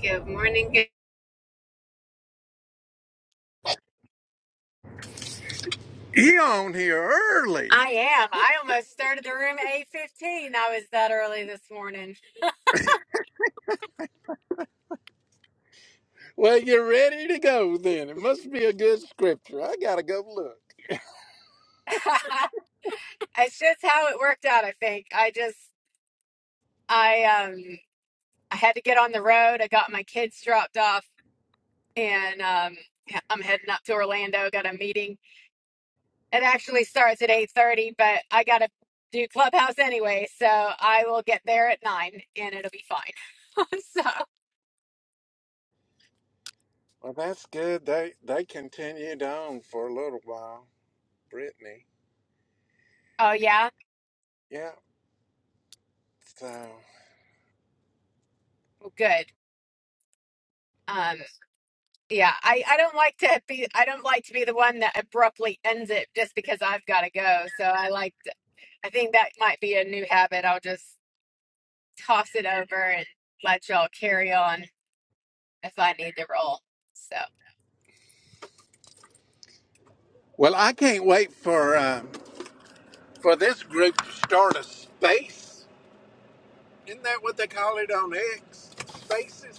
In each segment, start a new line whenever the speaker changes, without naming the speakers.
Good morning. Good-
You on here early.
I am. I almost started the room at eight fifteen. I was that early this morning.
Well, you're ready to go then. It must be a good scripture. I gotta go look.
it's just how it worked out. I think I just I um I had to get on the road. I got my kids dropped off, and um yeah, I'm heading up to Orlando. Got a meeting. It actually starts at eight thirty, but I got to do clubhouse anyway, so I will get there at nine, and it'll be fine. so,
Well, that's good. They they continued on for a little while. Brittany.
oh yeah,
Yeah. So.
well, good. Um Yeah, I, I don't like to be I don't like to be the one that abruptly ends it just because I've got to go. So I like to- I think that might be a new habit. I'll just toss it over and let y'all carry on if I need to roll. So
Well, I can't wait for um, for this group to start a space. Isn't that what they call it on X? Spaces.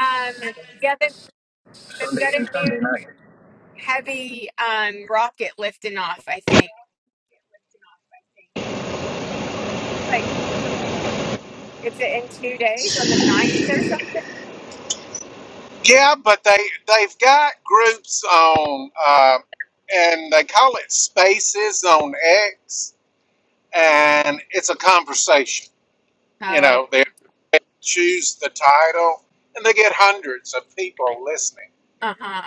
um yeah, they've, they've got a new heavy um rocket lifting off. I think like it's in two days on the ninth or something.
Yeah, but they they've got groups on, uh, and they call it Spaces on X, and it's a conversation.
Oh,
choose the title, and they get hundreds of people listening.
uh huh.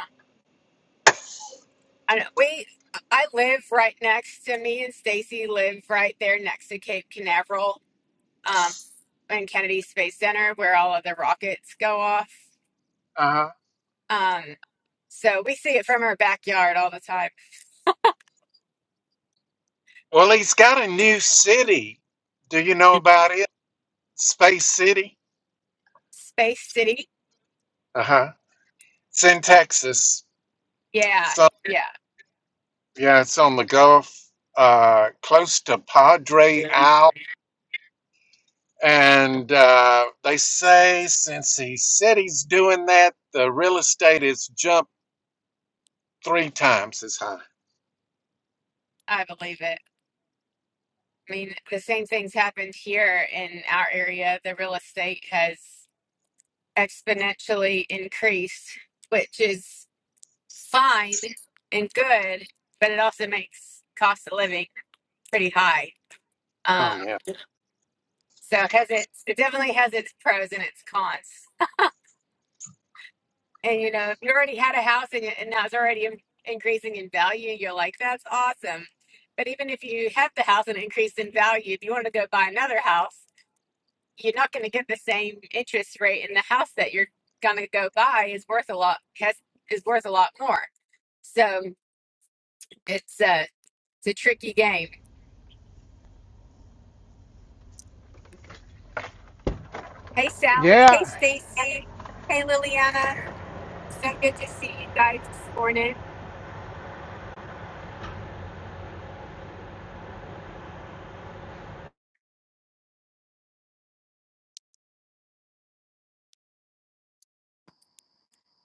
I know, we I live right next to me and Stacy live right there next to Cape Canaveral um and Kennedy Space Center where all of the rockets go off.
Uh-huh.
Um so we see it from our backyard all the time.
Well, he's got a new city. Do you know about it? Space City.
Space City.
Uh huh. It's in Texas.
Yeah.
So
Yeah.
yeah, it's on the Gulf, uh, close to Padre Isle. And uh, they say since he said he's doing that, the real estate has jumped three times as high.
I believe it. I mean, the same things happened here in our area. The real estate has exponentially increased, which is fine and good, but it also makes cost of living pretty high. Um,
Oh yeah.
so it has its, it definitely has its pros and its cons. And you know, if you already had a house and, it- and now it's already in- increasing in value, you're like, that's awesome. But even if you have the house and it increased in value, if you want to go buy another house, you're not going to get the same interest rate, and the house that you're going to go buy is worth a lot has is worth a lot more. So it's a it's a tricky game. Hey Sally. Hey
Yeah,
Stacy. Hey Liliana. So good to see you guys this morning.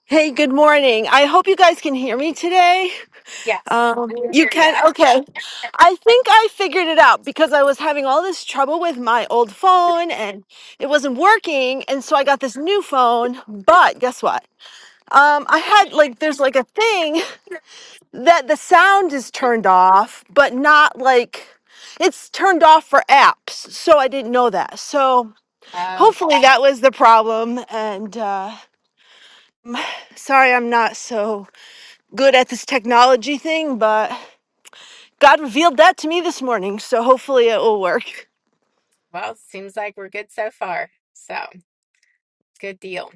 Hey, good morning. I hope you guys can hear me today.
Yes,
Um,
I'm
you
here.
can?
Yeah.
Okay. I think I figured it out because I was having all this trouble with my old phone and it wasn't working. And so I got this new phone. But guess what? Um, I had like, there's like a thing that the sound is turned off, but not like it's turned off for apps. So I didn't know that. So
Uh,
hopefully that was the problem. And uh, sorry, I'm not so good at this technology thing, but God revealed that to me this morning, so hopefully it will work.
well, seems like we're good so far. So good deal.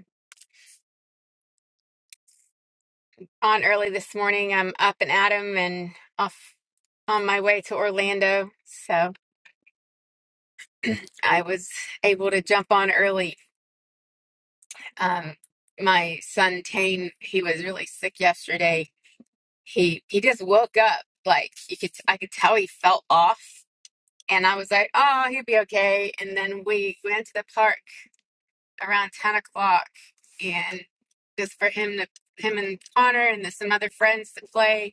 On early this morning, I'm up and at 'em and off on my way to Orlando. So I was able to jump on early. Um, my son Tane, he was really sick yesterday. He he just woke up like you could I could tell he felt off. And I was like, oh, he'll be okay. And then we went to the park around 10 o'clock and just for him to him and connor and some other friends to play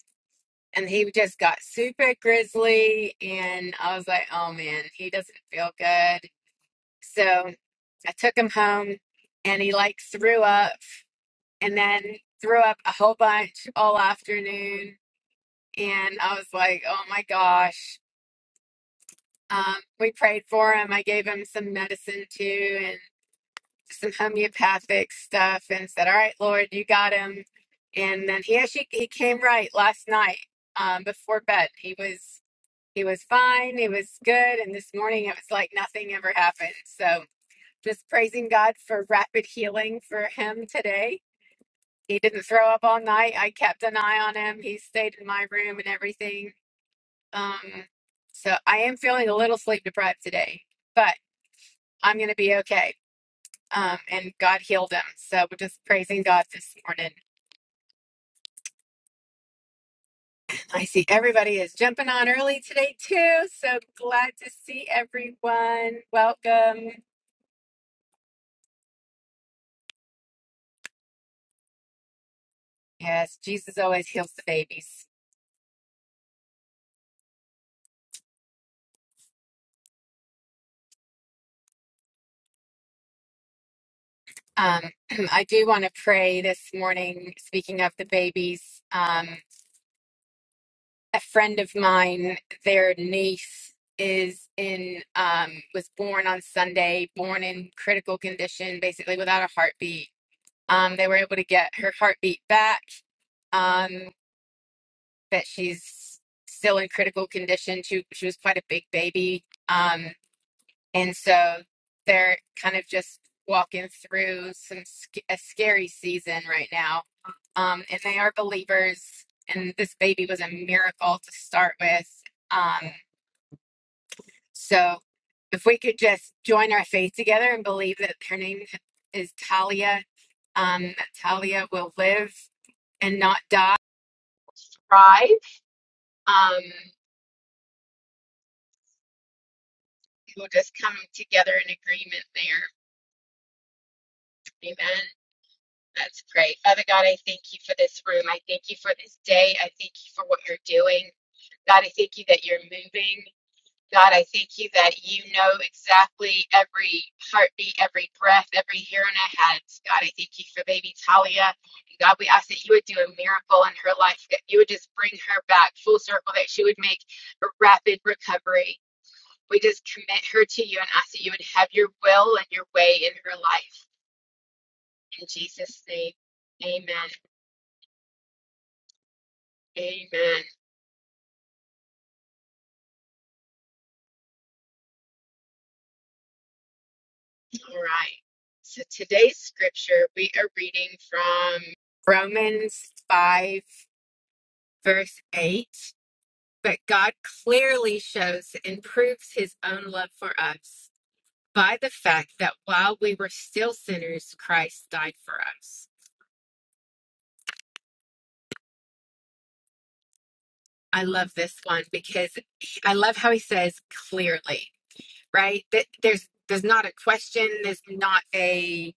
and he just got super grizzly and i was like oh man he doesn't feel good so i took him home and he like threw up and then threw up a whole bunch all afternoon and i was like oh my gosh um, we prayed for him i gave him some medicine too some homeopathic stuff and said, "All right, Lord, you got him." And then he actually he came right last night um, before bed. He was he was fine. He was good. And this morning it was like nothing ever happened. So just praising God for rapid healing for him today. He didn't throw up all night. I kept an eye on him. He stayed in my room and everything. Um, so I am feeling a little sleep deprived today, but I'm going to be okay um, and God healed him. So we're just praising God this morning. I see everybody is jumping on early today too. So glad to see everyone. Welcome. Yes, Jesus always heals the babies. Um, I do want to pray this morning. Speaking of the babies, um, a friend of mine, their niece is in um was born on Sunday, born in critical condition, basically without a heartbeat Um, they were able to get her heartbeat back, um, but she's still in critical condition. She, she was quite a big baby. Um, and so they're kind of just walking through some sc- a scary season right now. Um, and they are believers, and this baby was a miracle to start with. Um, so if we could just join our faith together and believe that her name is Talia um, that Talia will live and not die, thrive. Um, we'll just come together in agreement there. Amen. That's great. Father God, I thank you for this room. I thank you for this day. I thank you for what you're doing. God, I thank you that you're moving. God, I thank you that you know exactly every heartbeat, every breath, every hair on our heads. God, I thank you for baby Talia. God, we ask that you would do a miracle in her life, that you would just bring her back full circle, that she would make a rapid recovery. We just commit her to you and ask that you would have your will and your way in her life. In Jesus' name, amen. Amen. All right. So today's scripture, we are reading from Romans 5, verse 8. But God clearly shows and proves his own love for us by the fact that while we were still sinners, Christ died for us. I love this one because I love how he says clearly. right? That there's there's not a question. There's not a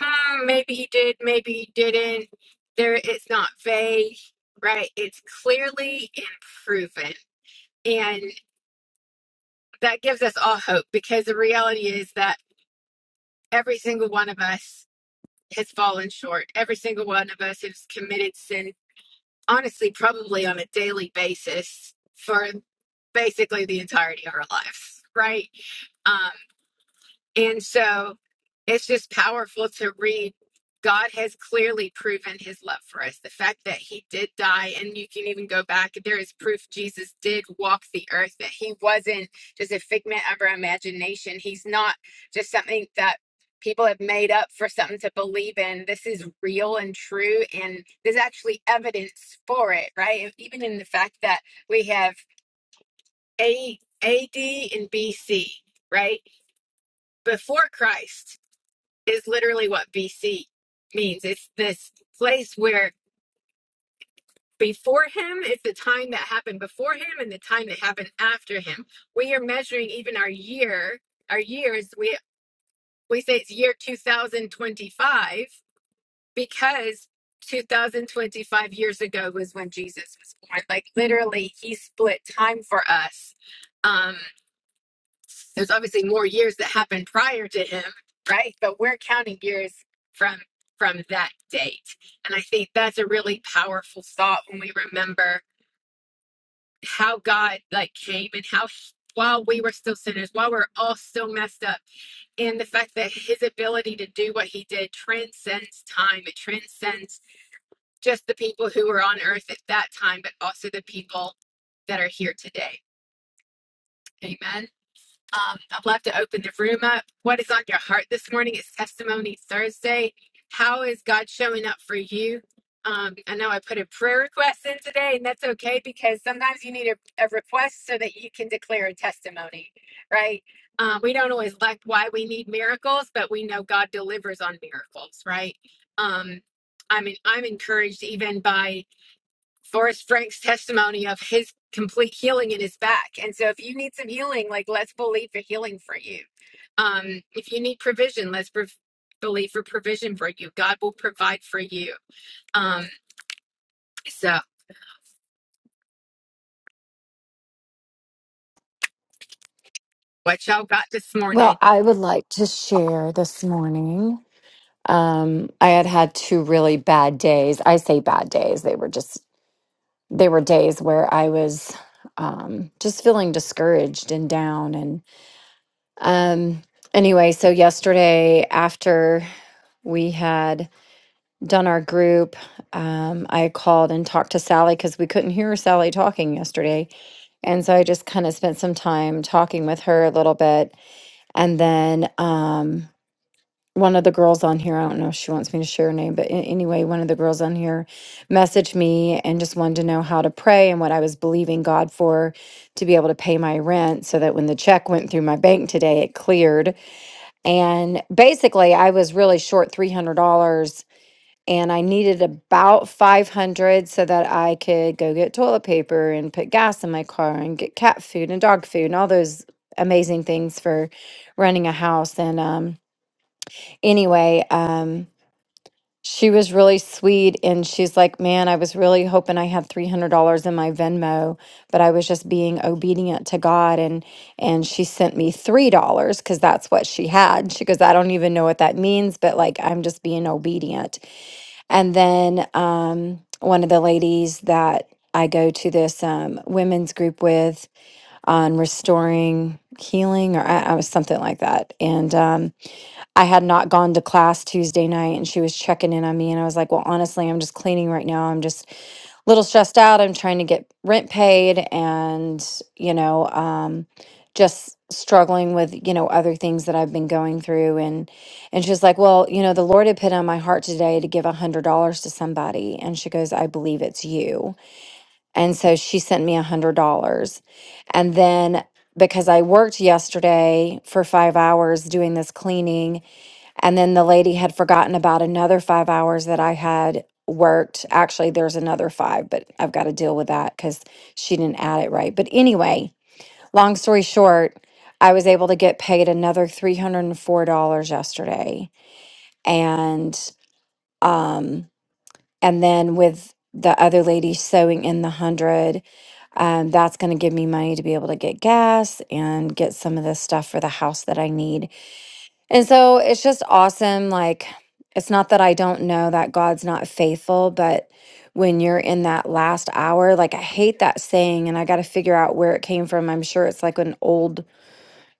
hmm, maybe he did, maybe he didn't. There, it's not vague, right? It's clearly and proven, and that gives us all hope because the reality is that every single one of us has fallen short. Every single one of us has committed sin. Honestly, probably on a daily basis for basically the entirety of our lives, right? Um, And so it's just powerful to read. God has clearly proven his love for us. The fact that he did die, and you can even go back, there is proof Jesus did walk the earth, that he wasn't just a figment of our imagination. He's not just something that people have made up for something to believe in. This is real and true, and there's actually evidence for it, right? And Even in the fact that we have A, AD and BC, right? Before Christ is literally what BC means. It's this place where before him is the time that happened before him and the time that happened after him. We are measuring even our year, our years. We we say it's year 2025 because 2025 years ago was when Jesus was born. Like literally he split time for us. Um, There's obviously more years that happened prior to him, right? But we're counting years from from that date. And I think that's a really powerful thought when we remember how God like came and how he- while we were still sinners, while we're all still messed up, and the fact that his ability to do what he did transcends time. It transcends just the people who were on earth at that time, but also the people that are here today. Amen. Um, I'd love to open the room up. What is on your heart this morning? It's Testimony Thursday. How is God showing up for you? Um, I know I put a prayer request in today, and that's okay because sometimes you need a, a request so that you can declare a testimony, right? Um, we don't always like why we need miracles, but we know God delivers on miracles, right? Um, I mean, I'm encouraged even by Forrest Frank's testimony of his complete healing in his back. And so if you need some healing, like let's believe for healing for you. Um, if you need provision, let's prov believe for provision for you. God will provide for you. Um, so what y'all got this
Well,
morning?
I would like to share this morning. Um, I had had two really bad days. I say bad days. They were just, they were days where I was um, just feeling discouraged and down. And um, anyway, so yesterday after we had done our group, um, I called and talked to Sally because we couldn't hear Sally talking yesterday. And so I just kind of spent some time talking with her a little bit. And then, um, one of the girls on here, I don't know if she wants me to share her name, but a- anyway, one of the girls on here messaged me and just wanted to know how to pray and what I was believing God for to be able to pay my rent so that when the check went through my bank today, it cleared. And basically, I was really short $300 and I needed about 500 so that I could go get toilet paper and put gas in my car and get cat food and dog food and all those amazing things for running a house and um anyway, um she was really sweet and she's like, Man, I was really hoping I had three hundred dollars in my Venmo, but I was just being obedient to God and and she sent me three dollars because that's what she had. She goes, I don't even know what that means, but like I'm just being obedient. And then um one of the ladies that I go to this um, women's group with on restoring healing or I, I was something like that. And um I had not gone to class Tuesday night and she was checking in on me. And I was like, well, honestly, I'm just cleaning right now. I'm just a little stressed out. I'm trying to get rent paid and, you know, um, just struggling with, you know, other things that I've been going through. And, and she's like, well, you know, the Lord had put on my heart today to give a hundred dollars to somebody. And she goes, I believe it's you. And so she sent me a hundred dollars. And then because I worked yesterday for five hours doing this cleaning, and then the lady had forgotten about another five hours that I had worked. Actually, there's another five, but I've got to deal with that because she didn't add it right. But anyway, long story short, I was able to get paid another $304 yesterday. And um and then with the other lady sewing in the hundred, um, that's gonna give me money to be able to get gas and get some of the stuff for the house that I need and so it's just awesome. Like, it's not that I don't know that God's not faithful, but when you're in that last hour, like, I hate that saying and I got to figure out where it came from. I'm sure it's like an old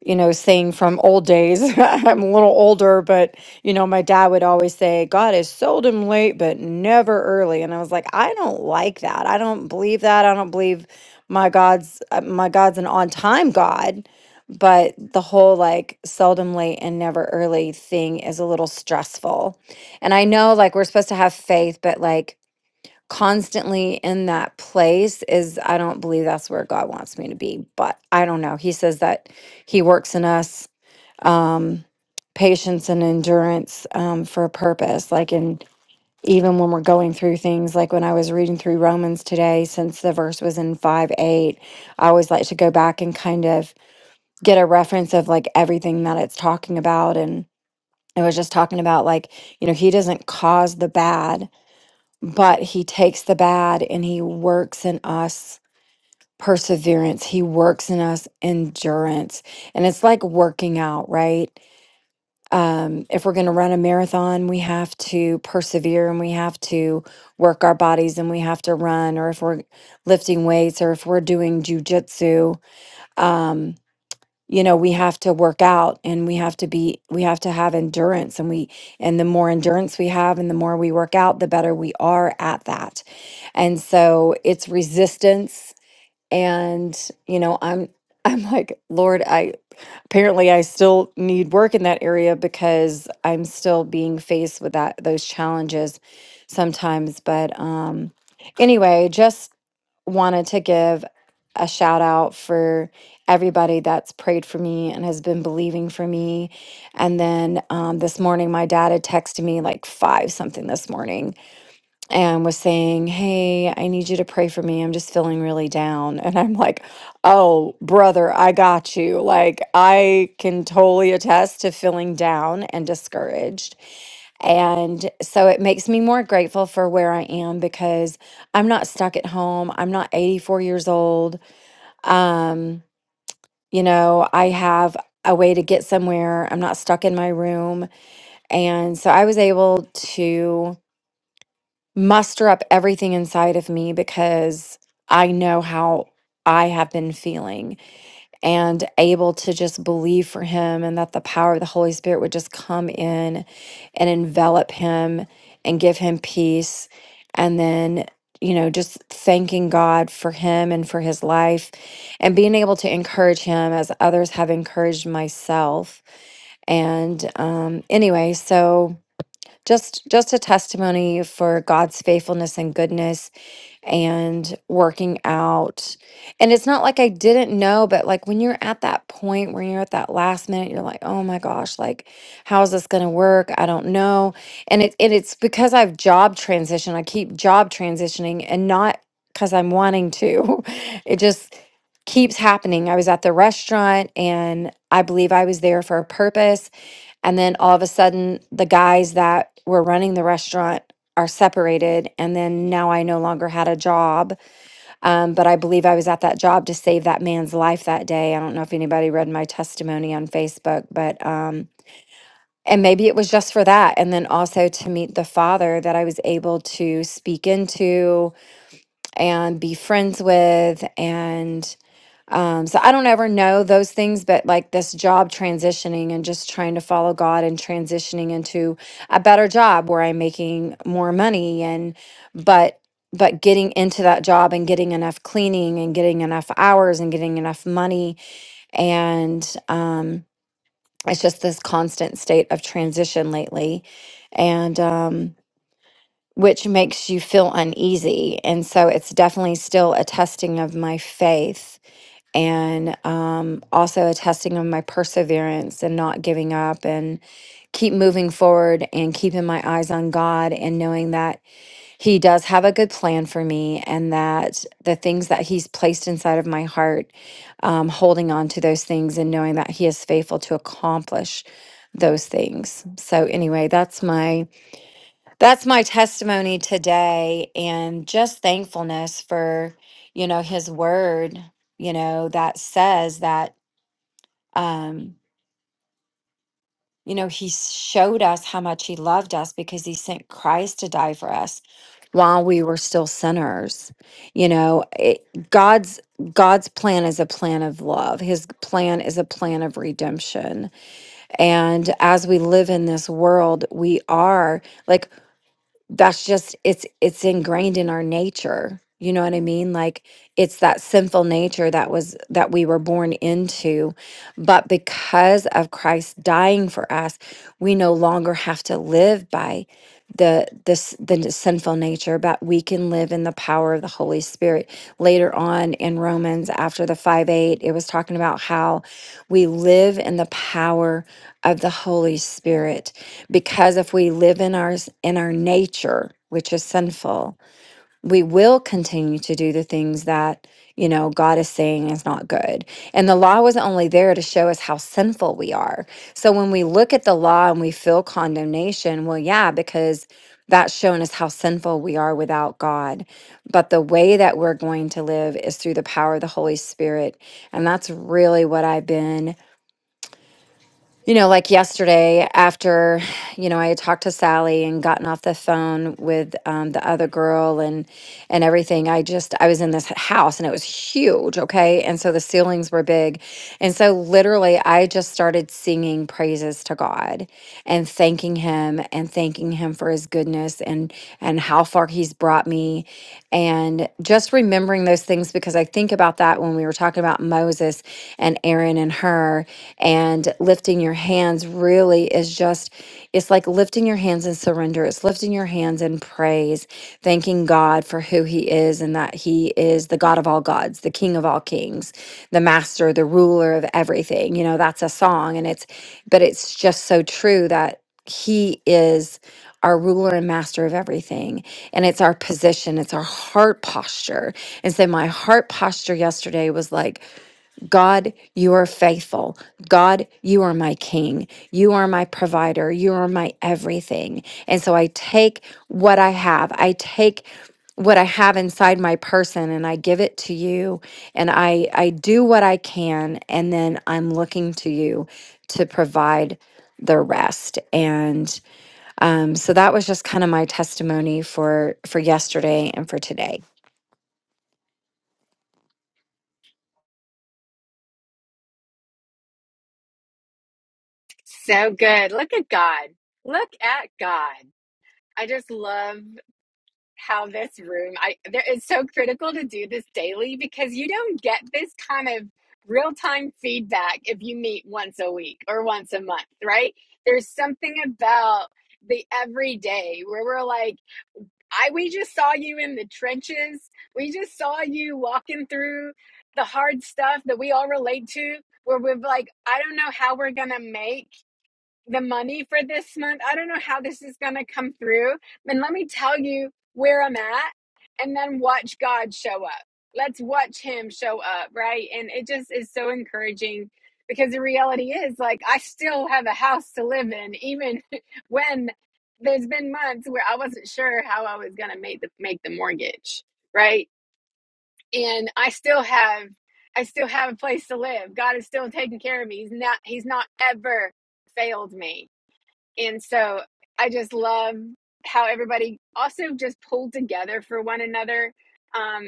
you know, saying from old days. I'm a little older, but you know, my dad would always say, God is seldom late, but never early. And I was like, I don't like that. I don't believe that. I don't believe my God's uh, my God's an on time God. But the whole like seldom late and never early thing is a little stressful. And I know like we're supposed to have faith, but like constantly in that place is I don't believe that's where God wants me to be. But I don't know. He says that He works in us um, patience and endurance um, for a purpose. Like in even when we're going through things, like when I was reading through Romans today, since the verse was in five eight, I always like to go back and kind of get a reference of like everything that it's talking about and. It was just talking about like, you know, he doesn't cause the bad but he takes the bad and he works in us perseverance he works in us endurance and it's like working out right um if we're going to run a marathon we have to persevere and we have to work our bodies and we have to run or if we're lifting weights or if we're doing jujitsu um, you know we have to work out and we have to be we have to have endurance and we and the more endurance we have and the more we work out the better we are at that and so it's resistance and you know i'm i'm like lord i apparently i still need work in that area because i'm still being faced with that those challenges sometimes but um anyway just wanted to give a shout out for everybody that's prayed for me and has been believing for me and then um, this morning my dad had texted me like five something this morning and was saying, Hey, I need you to pray for me. I'm just feeling really down. And I'm like, Oh, brother, I got you. Like, I can totally attest to feeling down and discouraged. And so it makes me more grateful for where I am because I'm not stuck at home. I'm not 84 years old. Um, you know, I have a way to get somewhere. I'm not stuck in my room. And so I was able to muster up everything inside of me because I know how I have been feeling and able to just believe for him and that the power of the Holy Spirit would just come in and envelop him and give him peace. And then, you know, just thanking God for him and for his life and being able to encourage him as others have encouraged myself. And um, anyway, so just just a testimony for God's faithfulness and goodness and working out. And it's not like I didn't know, but like when you're at that point where you're at that last minute, you're like, "Oh my gosh, like how is this going to work? I don't know." And it and it's because I've job transitioned. I keep job transitioning and not cuz I'm wanting to. It just keeps happening. I was at the restaurant and I believe I was there for a purpose and then all of a sudden, the guys that were running the restaurant are separated. And then now I no longer had a job. Um, but I believe I was at that job to save that man's life that day. I don't know if anybody read my testimony on Facebook, but, um, and maybe it was just for that. And then also to meet the father that I was able to speak into and be friends with and um, so i don't ever know those things but like this job transitioning and just trying to follow god and transitioning into a better job where i'm making more money and but but getting into that job and getting enough cleaning and getting enough hours and getting enough money and um, it's just this constant state of transition lately and um, which makes you feel uneasy. And so it's definitely still a testing of my faith and um, also a testing of my perseverance and not giving up and keep moving forward and keeping my eyes on God and knowing that He does have a good plan for me and that the things that He's placed inside of my heart, um, holding on to those things and knowing that He is faithful to accomplish those things. So, anyway, that's my that's my testimony today and just thankfulness for you know his word you know that says that um you know he showed us how much he loved us because he sent christ to die for us while we were still sinners you know it, god's god's plan is a plan of love his plan is a plan of redemption and as we live in this world we are like. that's just it's it's ingrained in our nature you know what i mean like it's that sinful nature that was that we were born into but because of christ dying for us we no longer have to live by the this the n- sinful nature but we can live in the power of the holy spirit later on in romans after the 5 8 it was talking about how we live in the power of the holy spirit because if we live in our in our nature which is sinful we will continue to do the things that you know god is saying is not good and the law was only there to show us how sinful we are so when we look at the law and we feel condemnation well yeah because that's shown us how sinful we are without god but the way that we're going to live is through the power of the holy spirit and that's really what i've been you know, like yesterday, after, you know, I had talked to Sally and gotten off the phone with um, the other girl and and everything. I just I was in this house and it was huge, okay? And so the ceilings were big. And so literally I just started singing praises to God and thanking him and thanking him for his goodness and and how far he's brought me and just remembering those things things because I think about that when we were talking about Moses and Aaron and her, and lifting your hands really is just, it's like lifting your hands in surrender. It's lifting your hands in praise, thanking God for who He is and that He is the God of all gods, the King of all kings, the master, the ruler of everything. You know, that's a song, and it's, but it's just so true that He is our ruler and master of everything. And it's our position, it's our heart posture. And so my heart posture yesterday was like, God, you are faithful. God, you are my king. You are my provider. You are my everything. And so I take what I have, I take what I have inside my person and I give it to you and I I do what I can and then I'm looking to you to provide the rest. And um, so that was just kind of my testimony for for yesterday and for today.
So good. Look at God. Look at God. I just love. how this room I there it's so critical to do this daily because you don't get this kind of real-time feedback if you meet once a week or once a month, right? There's something about the everyday where we're like, I we just saw you in the trenches. We just saw you walking through the hard stuff that we all relate to where we're like, I don't know how we're gonna make the money for this month. I don't know how this is going to come through. And let me tell you where I'm at and then watch God show up. Let's watch him show up, right? And it just is so encouraging because the reality is like I still have a house to live in even when there's been months where I wasn't sure how I was going to make the make the mortgage, right? And I still have I still have a place to live. God is still taking care of me. He's not he's not ever failed me and so I just love how everybody also just pulled together for one another um,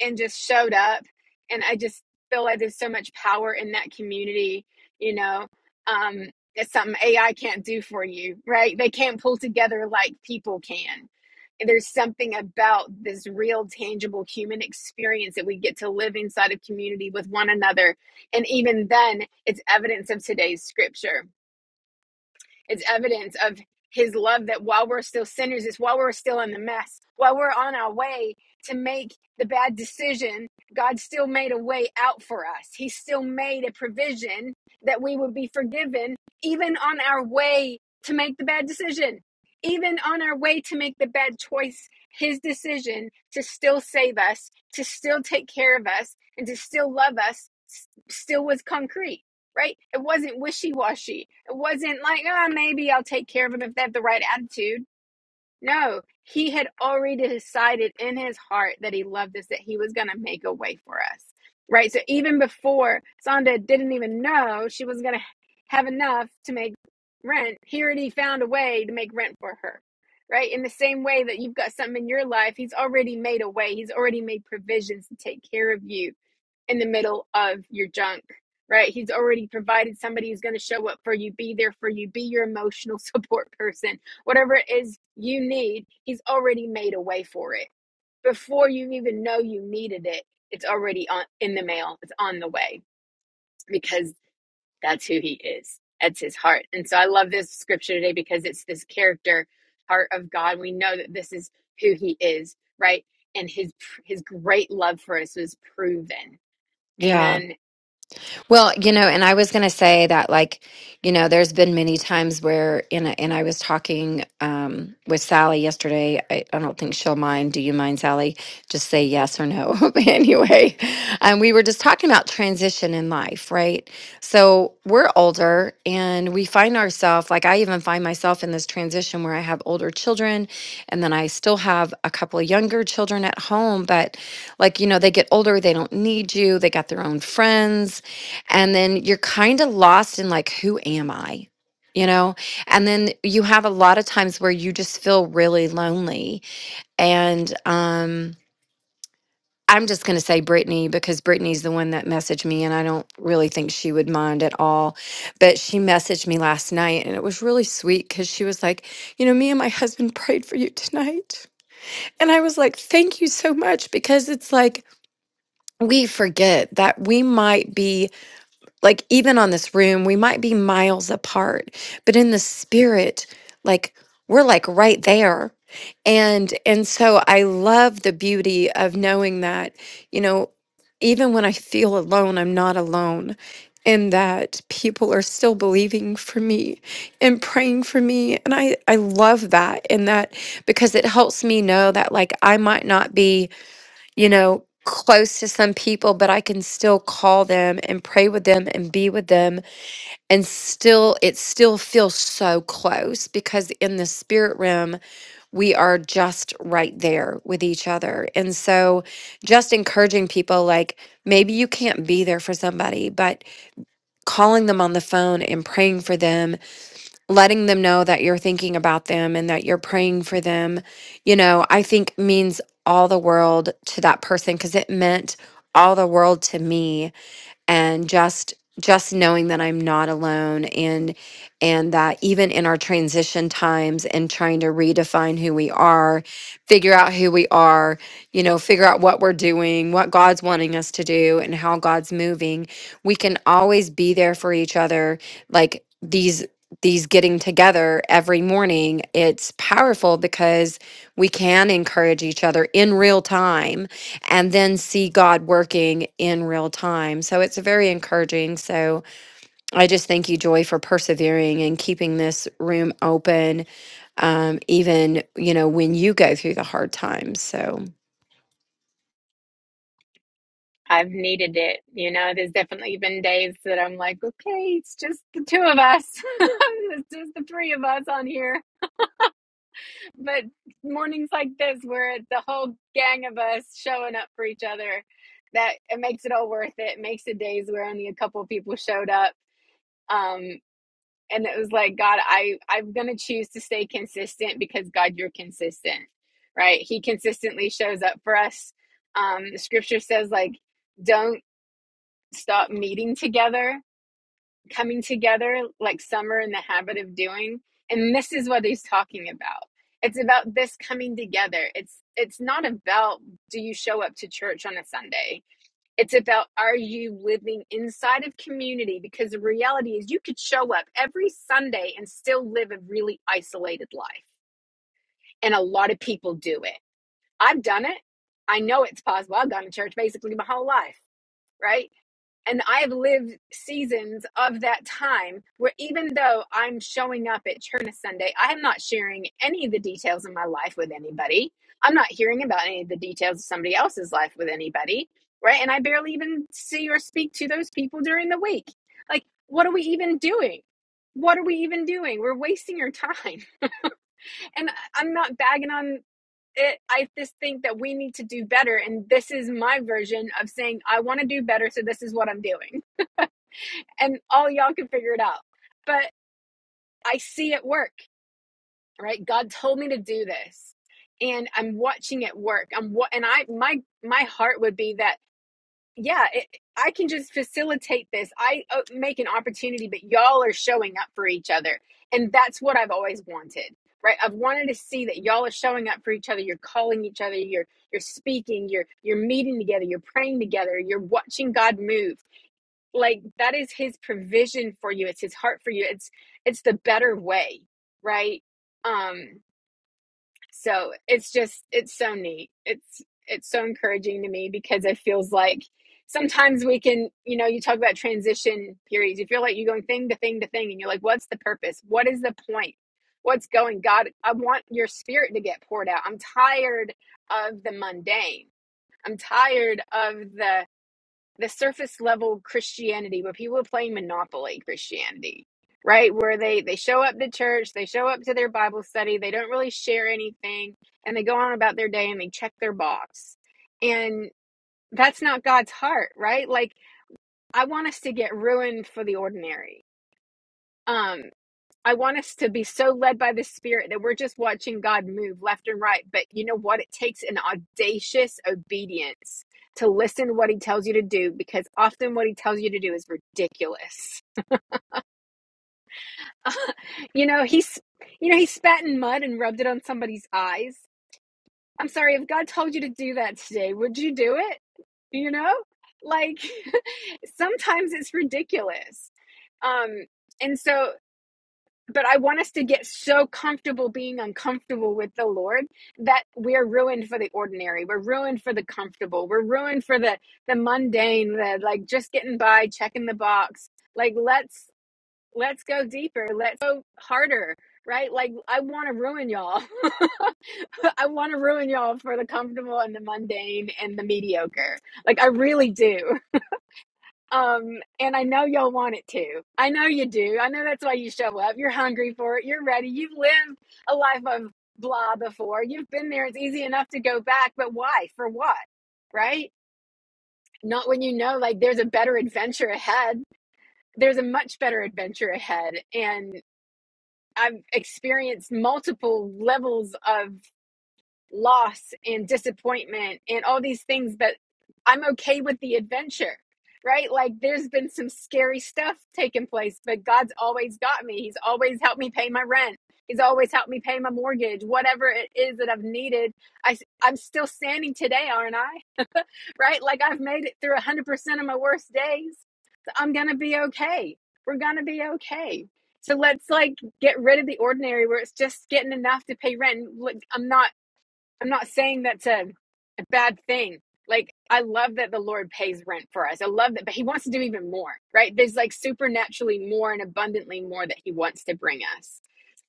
and just showed up. And I just feel like there's so much power in that community, you know. Um, it's something AI can't do for you, right? They can't pull together like people can. And there's something about this real, tangible human experience that we get to live inside of community with one another. And even then, it's evidence of today's scripture it's evidence of his love that while we're still sinners, it's while we're still in the mess, while we're on our way to make the bad decision, God still made a way out for us. He still made a provision that we would be forgiven, even on our way to make the bad decision. Even on our way to make the bad choice, his decision to still save us, to still take care of us, and to still love us still was concrete right? It wasn't wishy washy. It wasn't like, ah, maybe I'll take care of him if they have the right attitude. No, he had already decided in his heart that he loved us, that he was going to make a way for us, right? So even before Sonda didn't even know she was going to have enough to make rent, he already found a way to make rent for her. Right? In the same way that you've got something in your life, he's already made a way. He's already made provisions to take care of you in the middle of your junk, right? He's already provided somebody who's going to show up for you, be there for you, be your emotional support person, whatever it is you need, he's already made a way for it. Before you even know you needed it, it's already on in the mail, it's on the way because that's who he is. That's his heart. And so I love this scripture today because it's this character heart of God. We know that this is who he is, right? And his his great love for us was proven.
Yeah.
Amen.
Well, you know, and I was going to say that, like, you know, there's been many times where, in a, and I was talking um, with Sally yesterday. I, I don't think she'll mind. Do you mind, Sally? Just say yes or no. But anyway, and we were just talking about transition in life, right? So we're older and we find ourselves, like, I even find myself in this transition where I have older children and then I still have a couple of younger children at home, but like, you know, they get older, they don't need you, they got their own friends and then you're kind of lost in like who am i you know and then you have a lot of times where you just feel really lonely and um i'm just going to say brittany because brittany's the one that messaged me and i don't really think she would mind at all but she messaged me last night and it was really sweet because she was like you know me and my husband prayed for you tonight and i was like thank you so much because it's like we forget that we might be like even on this room we might be miles apart but in the spirit like we're like right there and and so i love the beauty of knowing that you know even when i feel alone i'm not alone and that people are still believing for me and praying for me and i i love that and that because it helps me know that like i might not be you know, close to some people, but I can still call them and pray with them and be with them. And still, it still feels so close because in the spirit realm, we are just right there with each other. And so, just encouraging people like maybe you can't be there for somebody, but calling them on the phone and praying for them letting them know that you're thinking about them and that you're praying for them, you know, I think means all the world to that person because it meant all the world to me and just just knowing that I'm not alone and and that even in our transition times and trying to redefine who we are, figure out who we are, you know, figure out what we're doing, what God's wanting us to do and how God's moving, we can always be there for each other like these these getting together every morning it's powerful because we can encourage each other in real time and then see God working in real time. So it's very encouraging. So I just thank you, Joy, for persevering and keeping this room open, um, even you know when you go through the hard times. So.
I've needed it. You know, there's definitely been days that I'm like, okay, it's just the two of us. it's just the three of us on here. But mornings like this, where it's the whole gang of us showing up for each other, that it makes it all worth it. It makes the days where only a couple of people showed up. Um, and it was like, God, I, I'm going to choose to stay consistent because God, you're consistent, right? He consistently shows up for us. Um, the scripture says, like, don't stop meeting together, coming together like some are in the habit of doing. And this is what he's talking about. It's about this coming together. It's it's not about do you show up to church on a Sunday. It's about are you living inside of community because the reality is you could show up every Sunday and still live a really isolated life. And a lot of people do it. I've done it. I know it's possible. I've gone to church basically my whole life, right? And I've lived seasons of that time where even though I'm showing up at church on Sunday, I'm not sharing any of the details of my life with anybody. I'm not hearing about any of the details of somebody else's life with anybody, right? And I barely even see or speak to those people during the week. Like, what are we even doing? What are we even doing? We're wasting your time. And I'm not bagging on it. I just think that we need to do better. And this is my version of saying, I want to do better. So this is what I'm doing and all y'all can figure it out. But I see it work, right? God told me to do this, and I'm watching it work. I'm what, and I my my heart would be that yeah, it, I can just facilitate this. I uh, make an opportunity, but y'all are showing up for each other, and that's what I've always wanted. Right, I've wanted to see that y'all are showing up for each other. You're calling each other. You're you're speaking. You're you're meeting together. You're praying together. You're watching God move like that is his provision for you it's his heart for you it's it's the better way right um so it's just it's so neat it's it's so encouraging to me because it feels like sometimes we can you know you talk about transition periods you feel like you're going thing to thing to thing and you're like what's the purpose what is the point what's going god i want your spirit to get poured out i'm tired of the mundane i'm tired of the the surface level Christianity where people are playing Monopoly Christianity, right? Where they they show up to church, they show up to their Bible study, they don't really share anything, and they go on about their day and they check their box. And that's not God's heart, right? Like I want us to get ruined for the ordinary. Um, I want us to be so led by the Spirit that we're just watching God move left and right. But you know what? It takes an audacious obedience to listen to what He tells you to do because often what He tells you to do is ridiculous. you know, He's, you know, He spat in mud and rubbed it on somebody's eyes. I'm sorry, if God told you to do that today, would you do it? You know, like sometimes it's ridiculous um and so but I want us to get so comfortable being uncomfortable with the Lord that we're ruined for the ordinary. We're ruined for the comfortable. We're ruined for the the mundane, the like just getting by, checking the box. Like let's let's go deeper. Let's go harder, right? Like I want to ruin y'all. I want to ruin y'all for the comfortable and the mundane and the mediocre. Like I really do. Um, and I know y'all want it too. I know you do. I know that's why you show up. You're hungry for it. You're ready. You've lived a life of blah before. You've been there. It's easy enough to go back, but why? For what? Right? Not when you know like there's a better adventure ahead. There's a much better adventure ahead. And I've experienced multiple levels of loss and disappointment and all these things, but I'm okay with the adventure, right? Like there's been some scary stuff taking place, but God's always got me. He's always helped me pay my rent. He's always helped me pay my mortgage, whatever it is that I've needed. I, i am still standing today, aren't I? Right? Like I've made it through 100% of my worst days. So I'm going to be okay. We're going to be okay. So let's like get rid of the ordinary where it's just getting enough to pay rent. Look, I'm not I'm not saying that's a, a bad thing. Like, I love that the Lord pays rent for us. I love that, but He wants to do even more, right? There's like supernaturally more and abundantly more that He wants to bring us.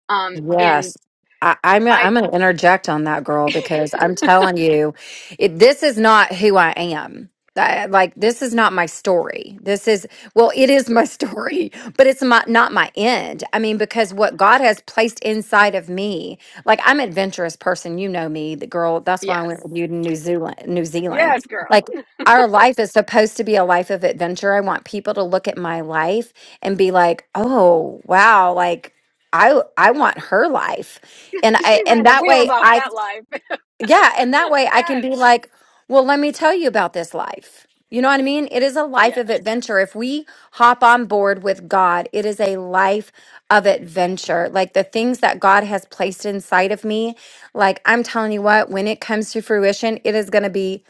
Um, and
Yes. I, I'm gonna-
I,
I'm going to interject on that girl because I'm telling you, it, this is not who I am. That- like this is not my story. This is well, it is my story, but it's my, not my end. I mean, because what God has placed inside of me, like I'm an adventurous person. You know me, the girl. That's why I went
yes,
with you to New Zealand. New Zealand,
yes, girl,
like our life is supposed to be a life of adventure. I want people to look at my life and be like, oh wow, like I I want her life. And I
she
and
ran the
that
wheels
way
off
I
that life.
yeah, and that way I can
yes,
be like, well, let me tell you about this life. You know what I mean? It is a life of
yes,
adventure. If we hop on board with God, it is a life of adventure. Like the things that God has placed inside of me, like I'm telling you what, when it comes to fruition, it is going to be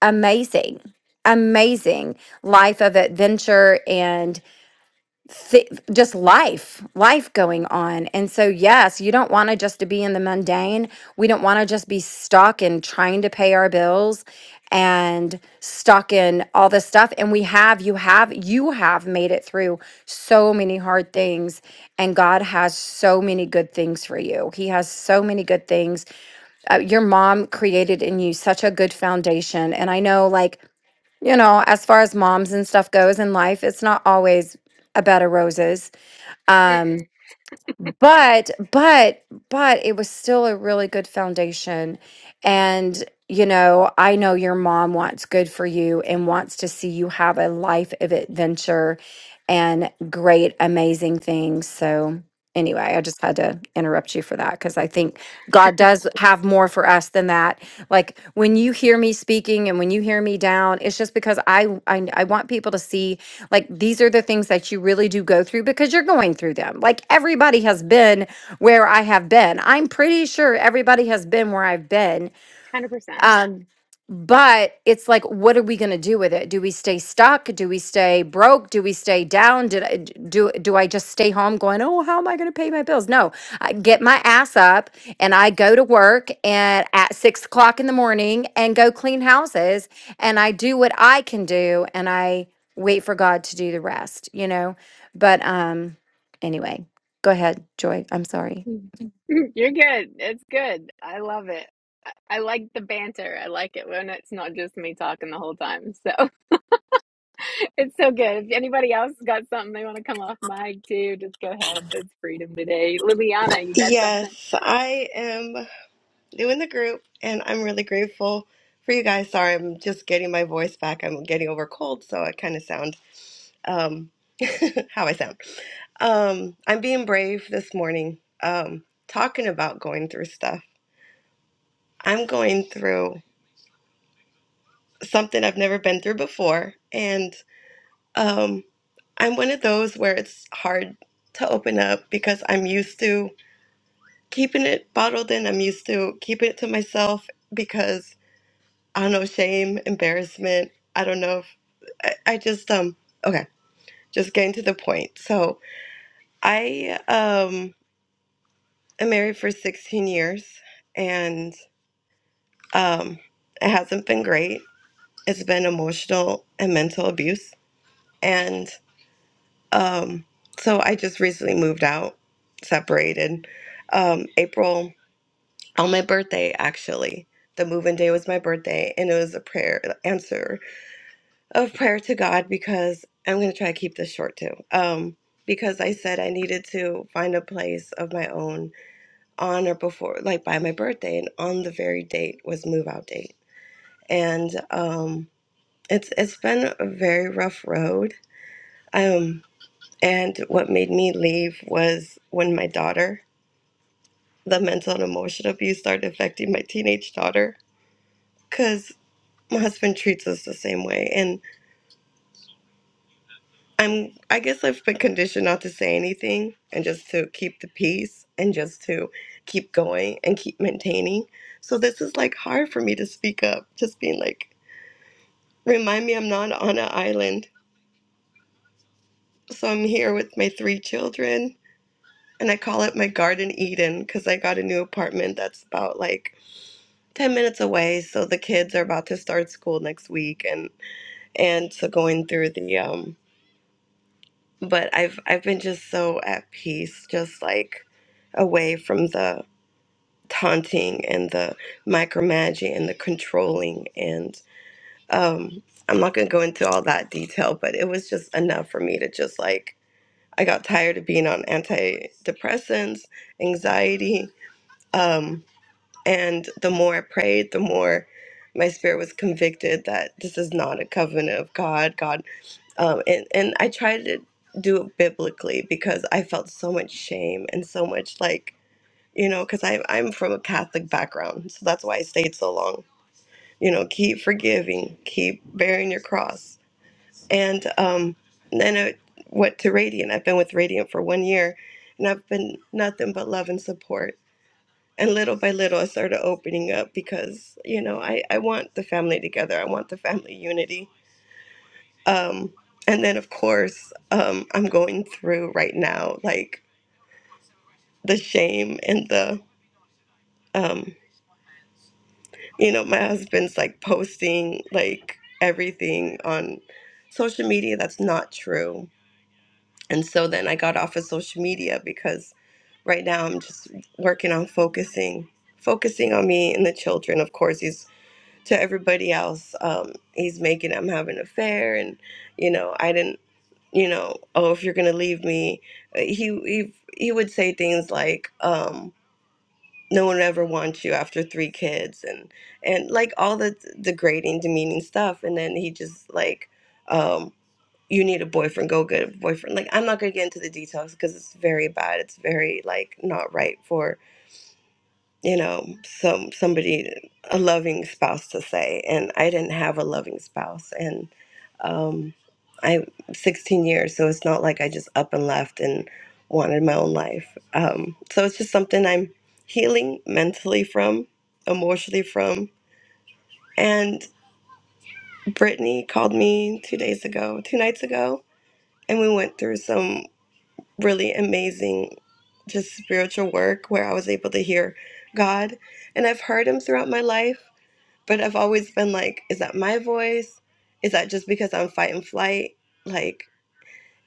amazing. Amazing life of adventure and thi- just life, life going on. And so, yes, you don't want to just to be in the mundane. We don't want to just be stuck in trying to pay our bills and stuck in all this stuff. And we have, you have, you have made it through so many hard things. And God has so many good things for you. He has so many good things. Uh, your mom created in you such a good foundation. And I know, like, you know, as far as moms and stuff goes in life, it's not always a bed of roses um
Mm-mm.
but but but it was still a really good foundation and you know i know your mom wants good for you and wants to see you have a life of adventure and great amazing things so anyway i just had to interrupt you for that because i think god does have more for us than that like when you hear me speaking and when you hear me down it's just because i i, I want people to see like these are the things that you really do go through because you're going through them. Like everybody has been where I have been. I'm pretty sure everybody has been where I've been
100%.
um, but it's like, what are we going to do with it? Do we stay stuck? Do we stay broke? Do we stay down? Did I, d- do do I just stay home going, oh, how am I going to pay my bills? No, I get my ass up and I go to work and at six o'clock in the morning and go clean houses and I do what I can do and I wait for God to do the rest, you know. But um, anyway, go ahead, Joy. I'm sorry. Mm.
You're good. It's good. I love it. I I like the banter. I like it when it's not just me talking the whole time. So It's so good. If anybody else got something they want to come off mic too, just go ahead. That's freedom today. Liliana, you got something?
Yes, I am new in the group and I'm really grateful for you guys. Sorry, I'm just getting my voice back. I'm getting over a cold, so I kind of sound um, how I sound. Um, I'm being brave this morning, um, talking about going through stuff. I'm going through something I've never been through before, and um, I'm one of those where it's hard to open up because I'm used to. keeping it bottled in. I'm used to keeping it to myself because I don't know shame, embarrassment. I don't know if I, I just um okay, just getting to the point. So I um am married for 16 years, and um it hasn't been great. It's been emotional and mental abuse, and um so I just recently moved out, separated, um April. on my birthday actually the moving day was my birthday and it was a prayer answer of prayer to god because i'm going to try to keep this short too um because i said i needed to find a place of my own on or before like by my birthday and on the very date was move out date and um it's it's been a very rough road um and what made me leave was when my daughter the mental and emotional abuse started affecting my teenage daughter cause. my husband treats us the same way and i'm i guess i've been conditioned not to say anything and just to keep the peace and just to keep going and keep maintaining so this is like hard for me to speak up just being like remind me i'm not on an island so i'm here with my three children and i call it my garden eden because i got a new apartment that's about like 10 minutes away so the kids are about to start school next week and and so going through the um but I've I've been just so at peace, just like away from the taunting and the micromanaging and the controlling and um I'm not gonna go into all that detail, but it was just enough for me to just like I got tired of being on antidepressants, anxiety, um, and the more I prayed, the more my spirit was convicted that this is not a covenant of God. God um, and and I tried to do it biblically because I felt so much shame and so much like you know because I am I'm from a Catholic background, so that's why I stayed so long. You know, keep forgiving, keep bearing your cross, and um, then I went to Radiant. I've been with Radiant for one year, and I've been nothing but love and support. And little by little, I started opening up because you know I I want the family together. I want the family unity um, and then, of course, um, I'm going through right now like the shame and the, um, you know, my husband's like posting like everything on social media that's not true. And so then I got off of social media because right now I'm just working on focusing, focusing on me and the children. Of course, he's to everybody else. Um, he's making I'm having an affair, and you know, I didn't. you know, oh, if you're gonna leave me, uh, he he he would say things like, um, no one ever wants you after three kids, and and like all the degrading, demeaning stuff, and then he just like, um, you need a boyfriend, go get a boyfriend. Like I'm not gonna get into the details because it's very bad. It's very like not right for you know, some somebody a loving spouse to say, and I didn't have a loving spouse, and um, I 16 years, so it's not like I just up and left and wanted my own life. Um, so it's just something I'm healing mentally from, emotionally from. And Brittany called me two days ago, two nights ago, and we went through some really amazing, just spiritual work where I was able to hear God, and I've heard Him throughout my life But I've always been like, is that my voice? Is that just because I'm fight and flight? Like,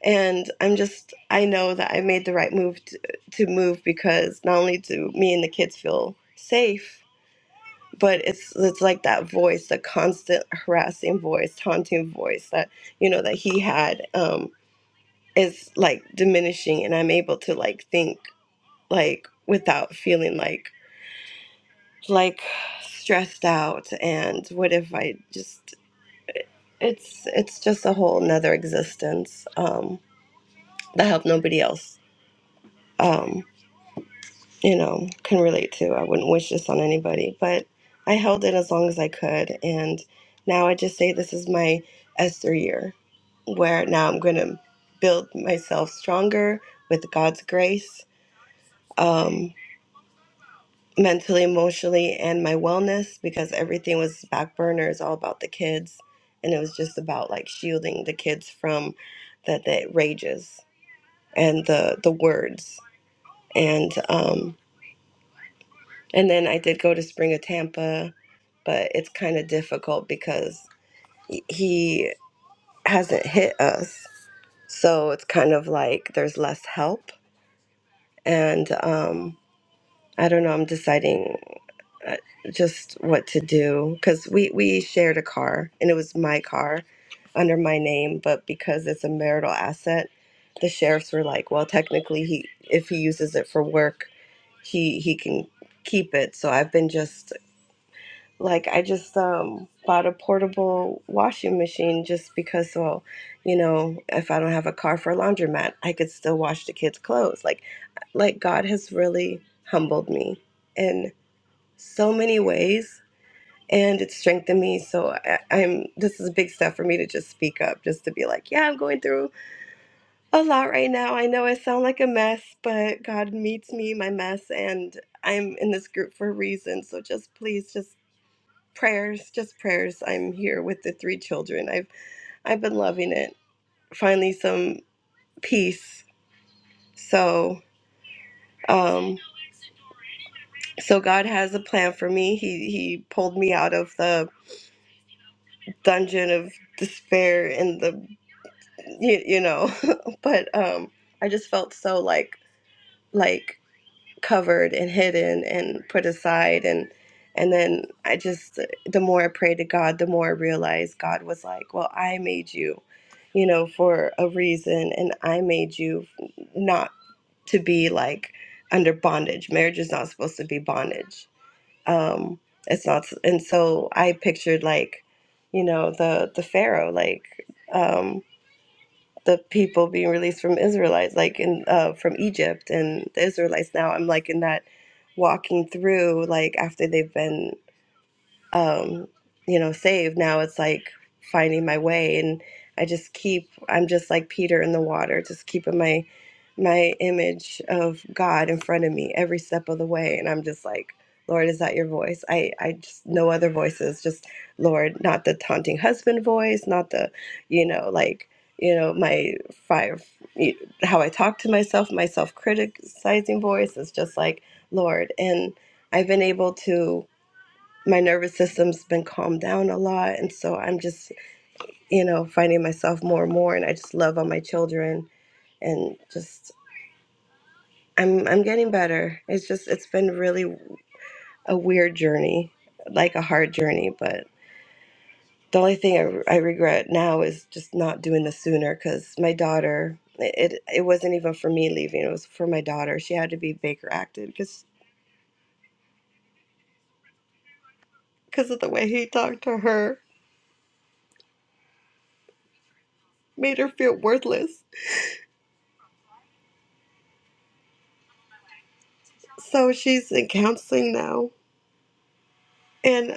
and I'm just, I know that I made the right move to, to move because not only do me and the kids feel safe, but it's it's like that voice, the constant harassing voice, taunting voice that you know that he had um, is like diminishing, and I'm able to like think like without feeling like like stressed out and what if I just It's it's just a whole nother existence um, that I hope nobody else um, you know can relate to. I wouldn't wish this on anybody, but I held it as long as I could, and now I just say this is my Esther year, where now I'm going to build myself stronger with God's grace, um, mentally, emotionally, and my wellness because everything was back burner. It's all about the kids, and it was just about like shielding the kids from that that rages and the the words and um and then I did go to Spring of Tampa, but it's kind of difficult because he he hasn't hit us, so it's kind of like there's less help and um I don't know. I'm deciding. uh, just what to do because we we shared a car and it was my car under my name but because it's a marital asset the sheriffs were like well technically he if he uses it for work he he can keep it so i've been just like i just um bought a portable washing machine just because well you know if i don't have a car for a laundromat i could still wash the kids clothes like like god has really humbled me in so many ways and it strengthened me. So I, I'm this is a big step for me to just speak up, just to be like, yeah, I'm going through a lot right now. I know I sound like a mess, but God meets me in my mess, and I'm in this group for a reason. So just please, just prayers, just prayers. I'm here with the three children. I've I've been loving it. Finally, some peace. So. Um, so God has a plan for me. He he pulled me out of the dungeon of despair and the you, you know but um i just felt so like like covered and hidden and put aside and and then i just the more i prayed to god the more i realized god was like well i made you you know for a reason and i made you not to be like under bondage marriage is not supposed to be bondage um it's not and so i pictured like you know the the pharaoh like Um, the people being released from Israelites, like in uh, from Egypt and the Israelites. Now I'm like in that walking through, like after they've been um, you know, saved. Now it's like finding my way, and I just keep. I'm just like Peter in the water, just keeping my my image of God in front of me every step of the way, and I'm just like, Lord, is that your voice? I I just no other voices, just Lord, not the taunting husband voice, not the, you know, like you know my fire how i talk to myself my self-criticizing voice is just like lord and i've been able to my nervous system's been calmed down a lot and so i'm just you know finding myself more and more and i just love on my children and just i'm i'm getting better it's just it's been really a weird journey like a hard journey but the only thing i, I regret now is just not doing this sooner because my daughter it, it it wasn't even for me leaving it was for my daughter she had to be baker acted because because of the way he talked to her made her feel worthless so she's in counseling now and.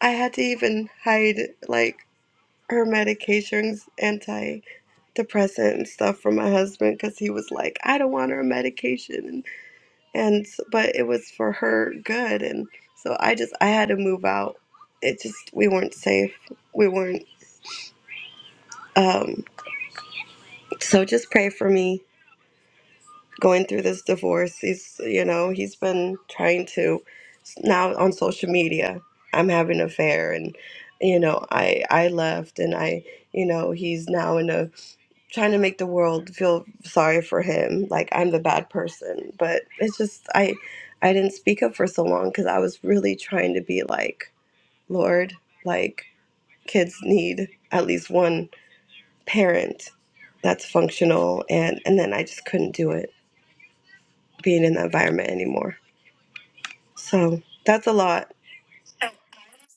I had to even hide like her medications, antidepressant and stuff from my husband because he was like, I don't want her on medication, and, and s- but it was for her good, and so I just I had to move out. It just we weren't safe. We weren't. Um, so just pray for me. going through this divorce. He's, you know, he's been trying to now on social media. I'm having an affair, and you know, I I left, and I, you know, he's now in a trying to make the world feel sorry for him, like I'm the bad person. But it's just I I didn't speak up for so long because I was really trying to be like, Lord, like kids need at least one parent that's functional, and and then I just couldn't do it being in the environment anymore. So that's a lot.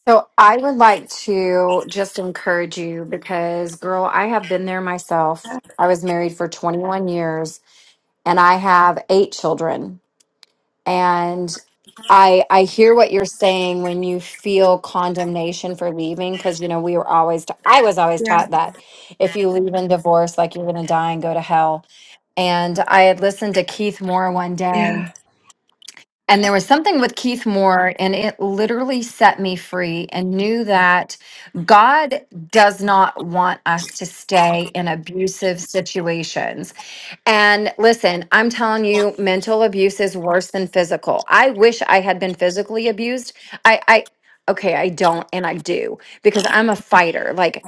So I would like to just encourage you because, girl, I have been there myself. I was married for 21 years and I have eight children. and i i hear what you're saying when you feel condemnation for leaving because you know we were always ta- i was always
Yeah.
taught that if you leave and divorce like you're going to die and go to hell and i had listened to keith moore one day
Yeah.
and there was something with Keith Moore, and it literally set me free and knew that God does not want us to stay in abusive situations. And listen, I'm telling you, mental abuse is worse than physical. I wish I had been physically abused. I, I, okay, I don't, and I do because I'm a fighter. Like,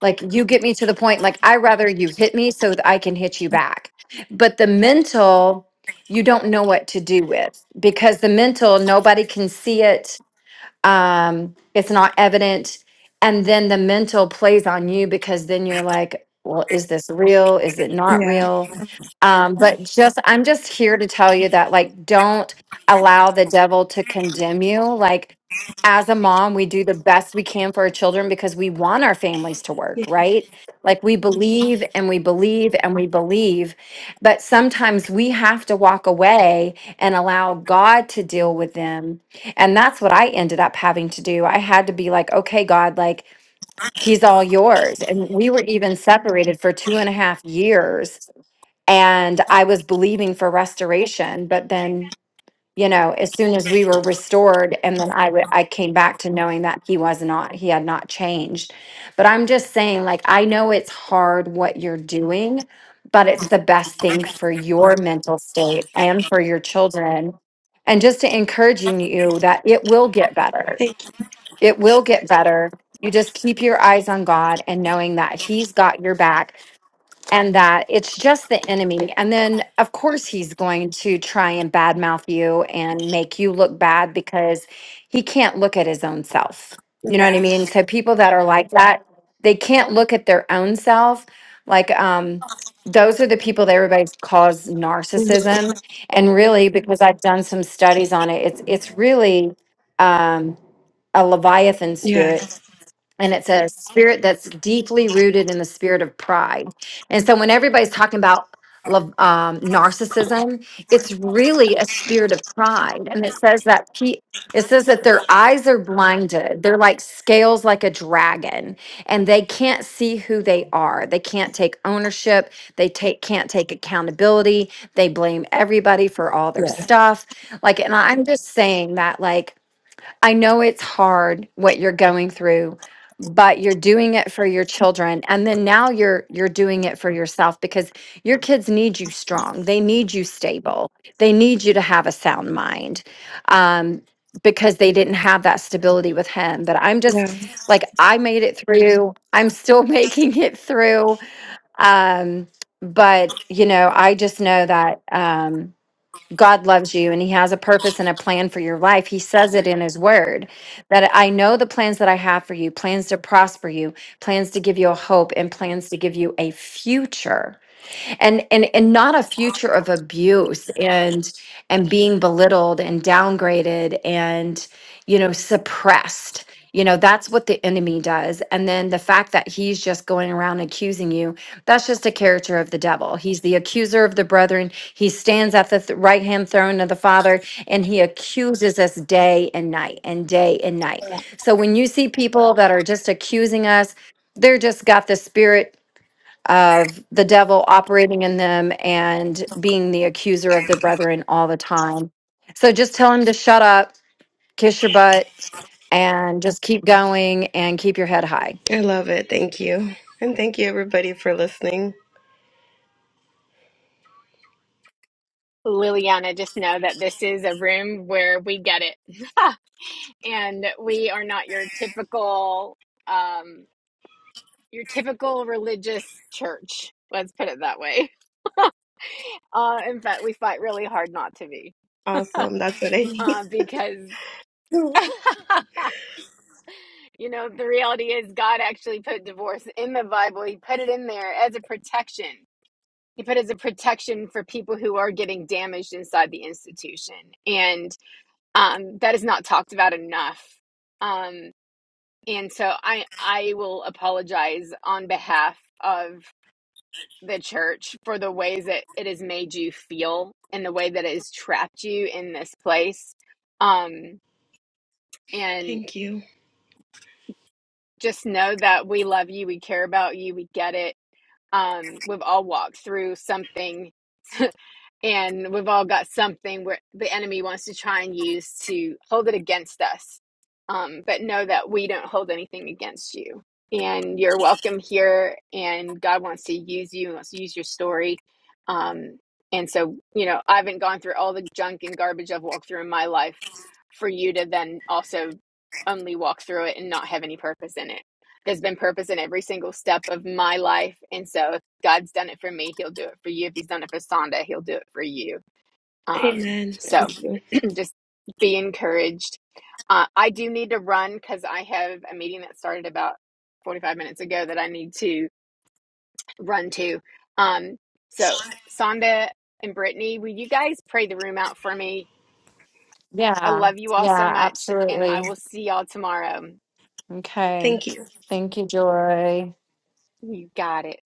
like you get me to the point, like I rather you hit me so that I can hit you back. But the mental, you don't know what to do with because the mental, nobody can see it um, it's not evident. And then the mental plays on you because then you're like, well, is this real? Is it not
Yeah.
real? Um, but just, I'm just here to tell you that, like, don't allow the devil to condemn you. Like, as a mom, we do the best we can for our children because we want our families to work,
yeah.
right? Like, we believe and we believe and we believe. But sometimes we have to walk away and allow God to deal with them and that's what I ended up having to do. I had to be like, okay, God, like, he's all yours. And we were even separated for two and a half years. And I was believing for restoration, but then you know, as soon as we were restored, and then I re- I came back to knowing that he was not he had not changed. But I'm just saying, like I know it's hard what you're doing, but it's the best thing for your mental state and for your children, and just to encouraging you that it will get better.
Thank you.
It will get better. You just keep your eyes on God and knowing that He's got your back and that it's just the enemy. And then, of course, he's going to try and badmouth you and make you look bad because he can't look at his own self. You know what I
Yeah.
mean? So people that are like that, they can't look at their own self. Like, um, those are the people that everybody calls
Mhm.
narcissism. And really, because I've done some studies on it, it's it's really um, a leviathan spirit
Yes.
and it's a spirit that's deeply rooted in the spirit of pride. And so when everybody's talking about love, um, narcissism, it's really a spirit of pride. And it says that pe- it says that their eyes are blinded. They're like scales, like a dragon, and they can't see who they are. They can't take ownership. They take can't take accountability. They blame everybody for all their
Yes.
stuff. Like, and I'm just saying that, like I know it's hard what you're going through, but you're doing it for your children and then now you're you're doing it for yourself because your kids need you strong. They need you stable. They need you to have a sound mind. Um because they didn't have that stability with him that I'm just
Yeah.
like I made it through. I'm still making it through. Um but you know, I just know that um God loves you and he has a purpose and a plan for your life. He says it in his word that I know the plans that I have for you, plans to prosper you, plans to give you a hope and plans to give you a future and and and not a future of abuse and and being belittled and downgraded and you know suppressed you know that's what the enemy does and then the fact that he's just going around accusing you that's just a character of the devil he's the accuser of the brethren he stands at the th- right hand throne of the father and he accuses us day and night and day and night so when you see people that are just accusing us they're just got the spirit of the devil operating in them and being the accuser of their brethren all the time. So just tell him to shut up, kiss your butt, and just keep going and keep your head high.
I love it. Thank you. And thank you everybody for listening.
Liliana, just know that this is a room where we get it. and we are not your typical um your typical religious church. Let's put it that way. Uh in fact, we fight really hard not to be.
Awesome. That's what I need.
Uh because You know, the reality is God actually put divorce in the Bible. He put it in there as a protection. He put it as a protection for people who are getting damaged inside the institution. And um, that is not talked about enough. Um, and so I I will apologize on behalf of the church for the ways that it has made you feel and the way that it has trapped you in this place. Um, and
thank you.
just know that we love you, we care about you, we get it um, we've all walked through something and we've all got something where the enemy wants to try and use to hold it against us um, but know that we don't hold anything against you and you're welcome here and god wants to use you wants to use your story um, and so you know i haven't gone through all the junk and garbage i've walked through in my life for you to then also only walk through it and not have any purpose in it there's been purpose in every single step of my life and so if God's done it for me, he'll do it for you. If he's done it for Sonda, he'll do it for you. Um,
Amen.
so
Thank you.
just be encouraged. Uh, I do need to run because I have a meeting that started about 45 minutes ago that I need to run to. Um, so, Sonda and Brittany, will you guys pray the room out for me? I
Yeah.
love you all so
Yeah,
much, and I
absolutely.
will see y'all tomorrow.
Okay.
Thank you.
Thank you, Joy.
You got it.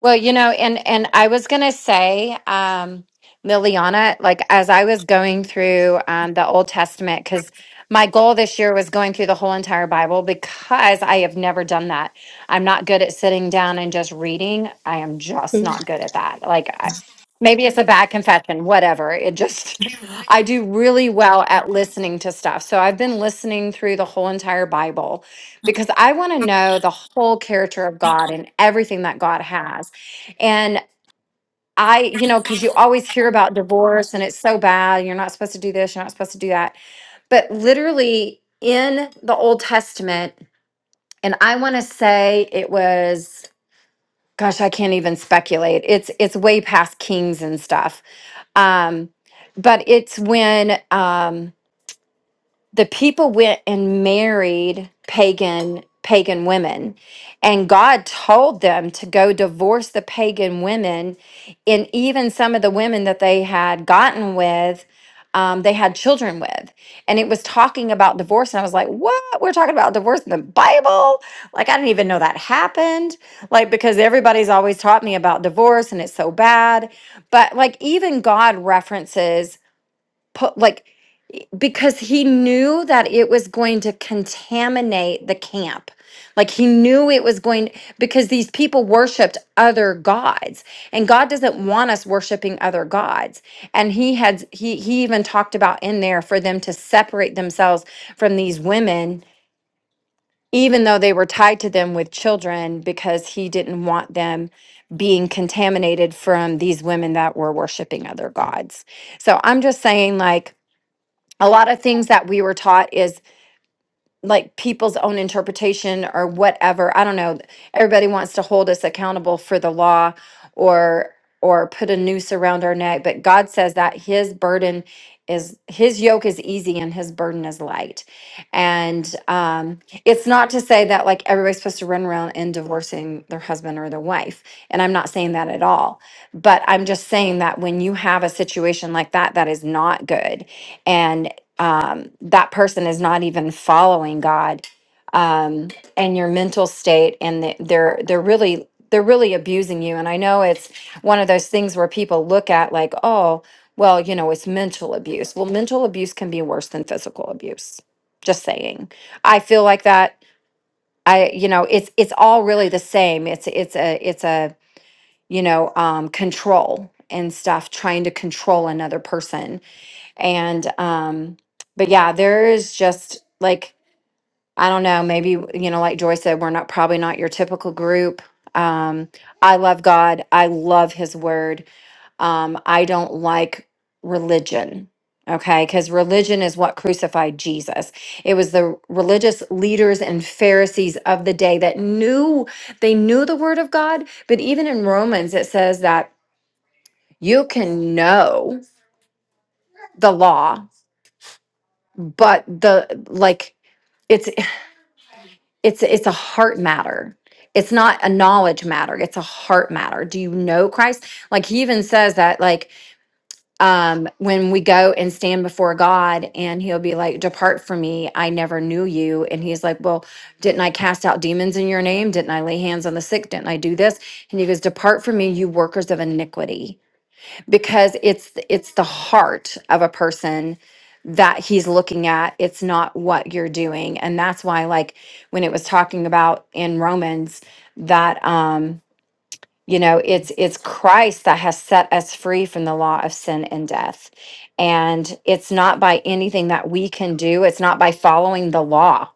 Well, you know, and and I was gonna say, um, Liliana, like as I was going through um, the Old Testament, because my goal this year was going through the whole entire Bible because I have never done that. I'm not good at sitting down and just reading. I am just
Mm-hmm.
not good at that. Like, I, maybe it's a bad confession, whatever. It just, I do really well at listening to stuff. So I've been listening through the whole entire Bible because I want to know the whole character of God and everything that God has. And I, you know, because you always hear about divorce and it's so bad. You're not supposed to do this. You're not supposed to do that. But literally in the Old Testament, and I want to say it was, gosh, I can't even speculate. It's it's way past kings and stuff. Um, but it's when um, the people went and married pagan pagan women and god told them to go divorce the pagan women and even some of the women that they had gotten with um, they had children with and it was talking about divorce and i was like what we're talking about divorce in the bible like i didn't even know that happened like because everybody's always taught me about divorce and it's so bad but like even god references po- like because he knew that it was going to contaminate the camp like he knew it was going because these people worshiped other gods and god doesn't want us worshiping other gods and he had he he even talked about in there for them to separate themselves from these women even though they were tied to them with children because he didn't want them being contaminated from these women that were worshiping other gods so i'm just saying like a lot of things that we were taught is like people's own interpretation or whatever i don't know everybody wants to hold us accountable for the law or or put a noose around our neck but god says that his burden is his yoke is easy and his burden is light and um it's not to say that like everybody's supposed to run around and divorcing their husband or their wife and i'm not saying that at all but i'm just saying that when you have a situation like that that is not good And um, that person is not even following God, um, and your mental state, and the, they're they're really they're really abusing you. And I know it's one of those things where people look at like, oh, well, you know, it's mental abuse. Well, mental abuse can be worse than physical abuse. Just saying. I feel like that. I you know, it's it's all really the same. It's it's a it's a you know um, control and stuff, trying to control another person and um, but yeah, there is just like I don't know, maybe you know, like Joy said, we're not probably not your typical group. Um, I love God. I love His Word. Um, I don't like religion. Okay, because religion is what crucified Jesus. It was the religious leaders and Pharisees of the day that knew they knew the word of God. But even in Romans, it says that you can know the law, but the like it's it's it's a heart matter it's not a knowledge matter it's a heart matter do you know christ like he even says that like um when we go and stand before god and he'll be like depart from me i never knew you and he's like well didn't i cast out demons in your name didn't i lay hands on the sick didn't i do this and he goes depart from me you workers of iniquity because it's it's the heart of a person that he's looking at it's not what you're doing and that's why like when it was talking about in romans that um you know it's it's christ that has set us free from the law of sin and death and it's not by anything that we can do it's not by following the law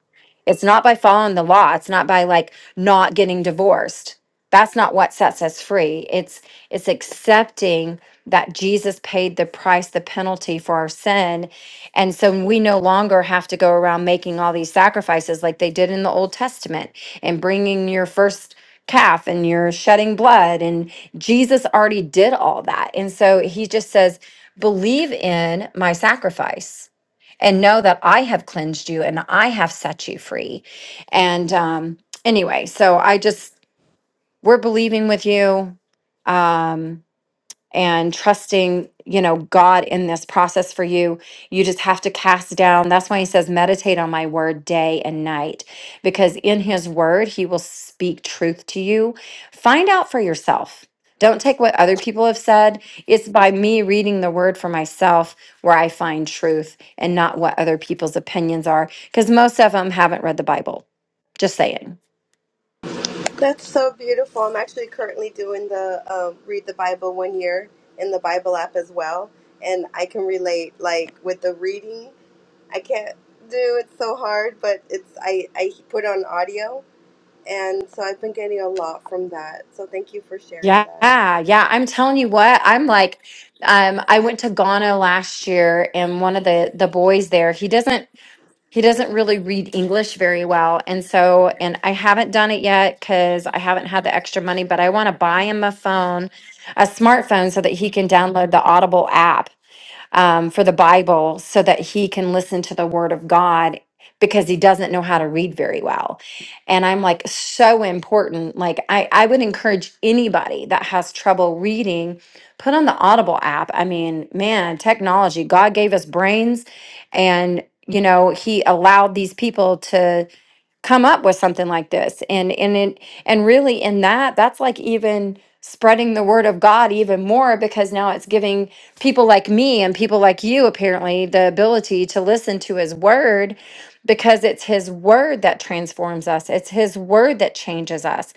it's not by following the law it's not by like not getting divorced that's not what sets us free it's it's accepting that jesus paid the price the penalty for our sin and so we no longer have to go around making all these sacrifices like they did in the old testament and bringing your first calf and you're shedding blood. And Jesus already did all that. And so he just says, Believe in my sacrifice and know that I have cleansed you and I have set you free. And um, anyway, so I just, we're believing with you. Um, and trusting, you know, God in this process for you. You just have to cast down. That's why he says, meditate on my word day and night, because in his word, he will speak truth to you. Find out for yourself. Don't take what other people have said. It's by me reading the word for myself where I find truth and not what other people's opinions are, because most of them haven't read the Bible. Just saying.
That's so beautiful. I'm actually currently doing the um, read the Bible one year in the Bible app as well, and I can relate. Like with the reading, I can't do it so hard, but it's I I put on audio, and so I've been getting a lot from that. So thank you for sharing
Yeah,
that.
yeah. I'm telling you what, I'm like, um, I went to Ghana last year and one of the the boys there, he doesn't he doesn't really read English very well. And so, and I haven't done it yet because I haven't had the extra money, but I want to buy him a phone, a smartphone so that he can download the Audible app um, for the Bible so that he can listen to the Word of God because he doesn't know how to read very well. And I'm like, so important. Like, I, I would encourage anybody that has trouble reading, put on the Audible app. I mean, man, technology, God gave us brains and you know he allowed these people to come up with something like this and and it, and really in that that's like even spreading the word of god even more because now it's giving people like me and people like you apparently the ability to listen to his word because it's his word that transforms us it's his word that changes us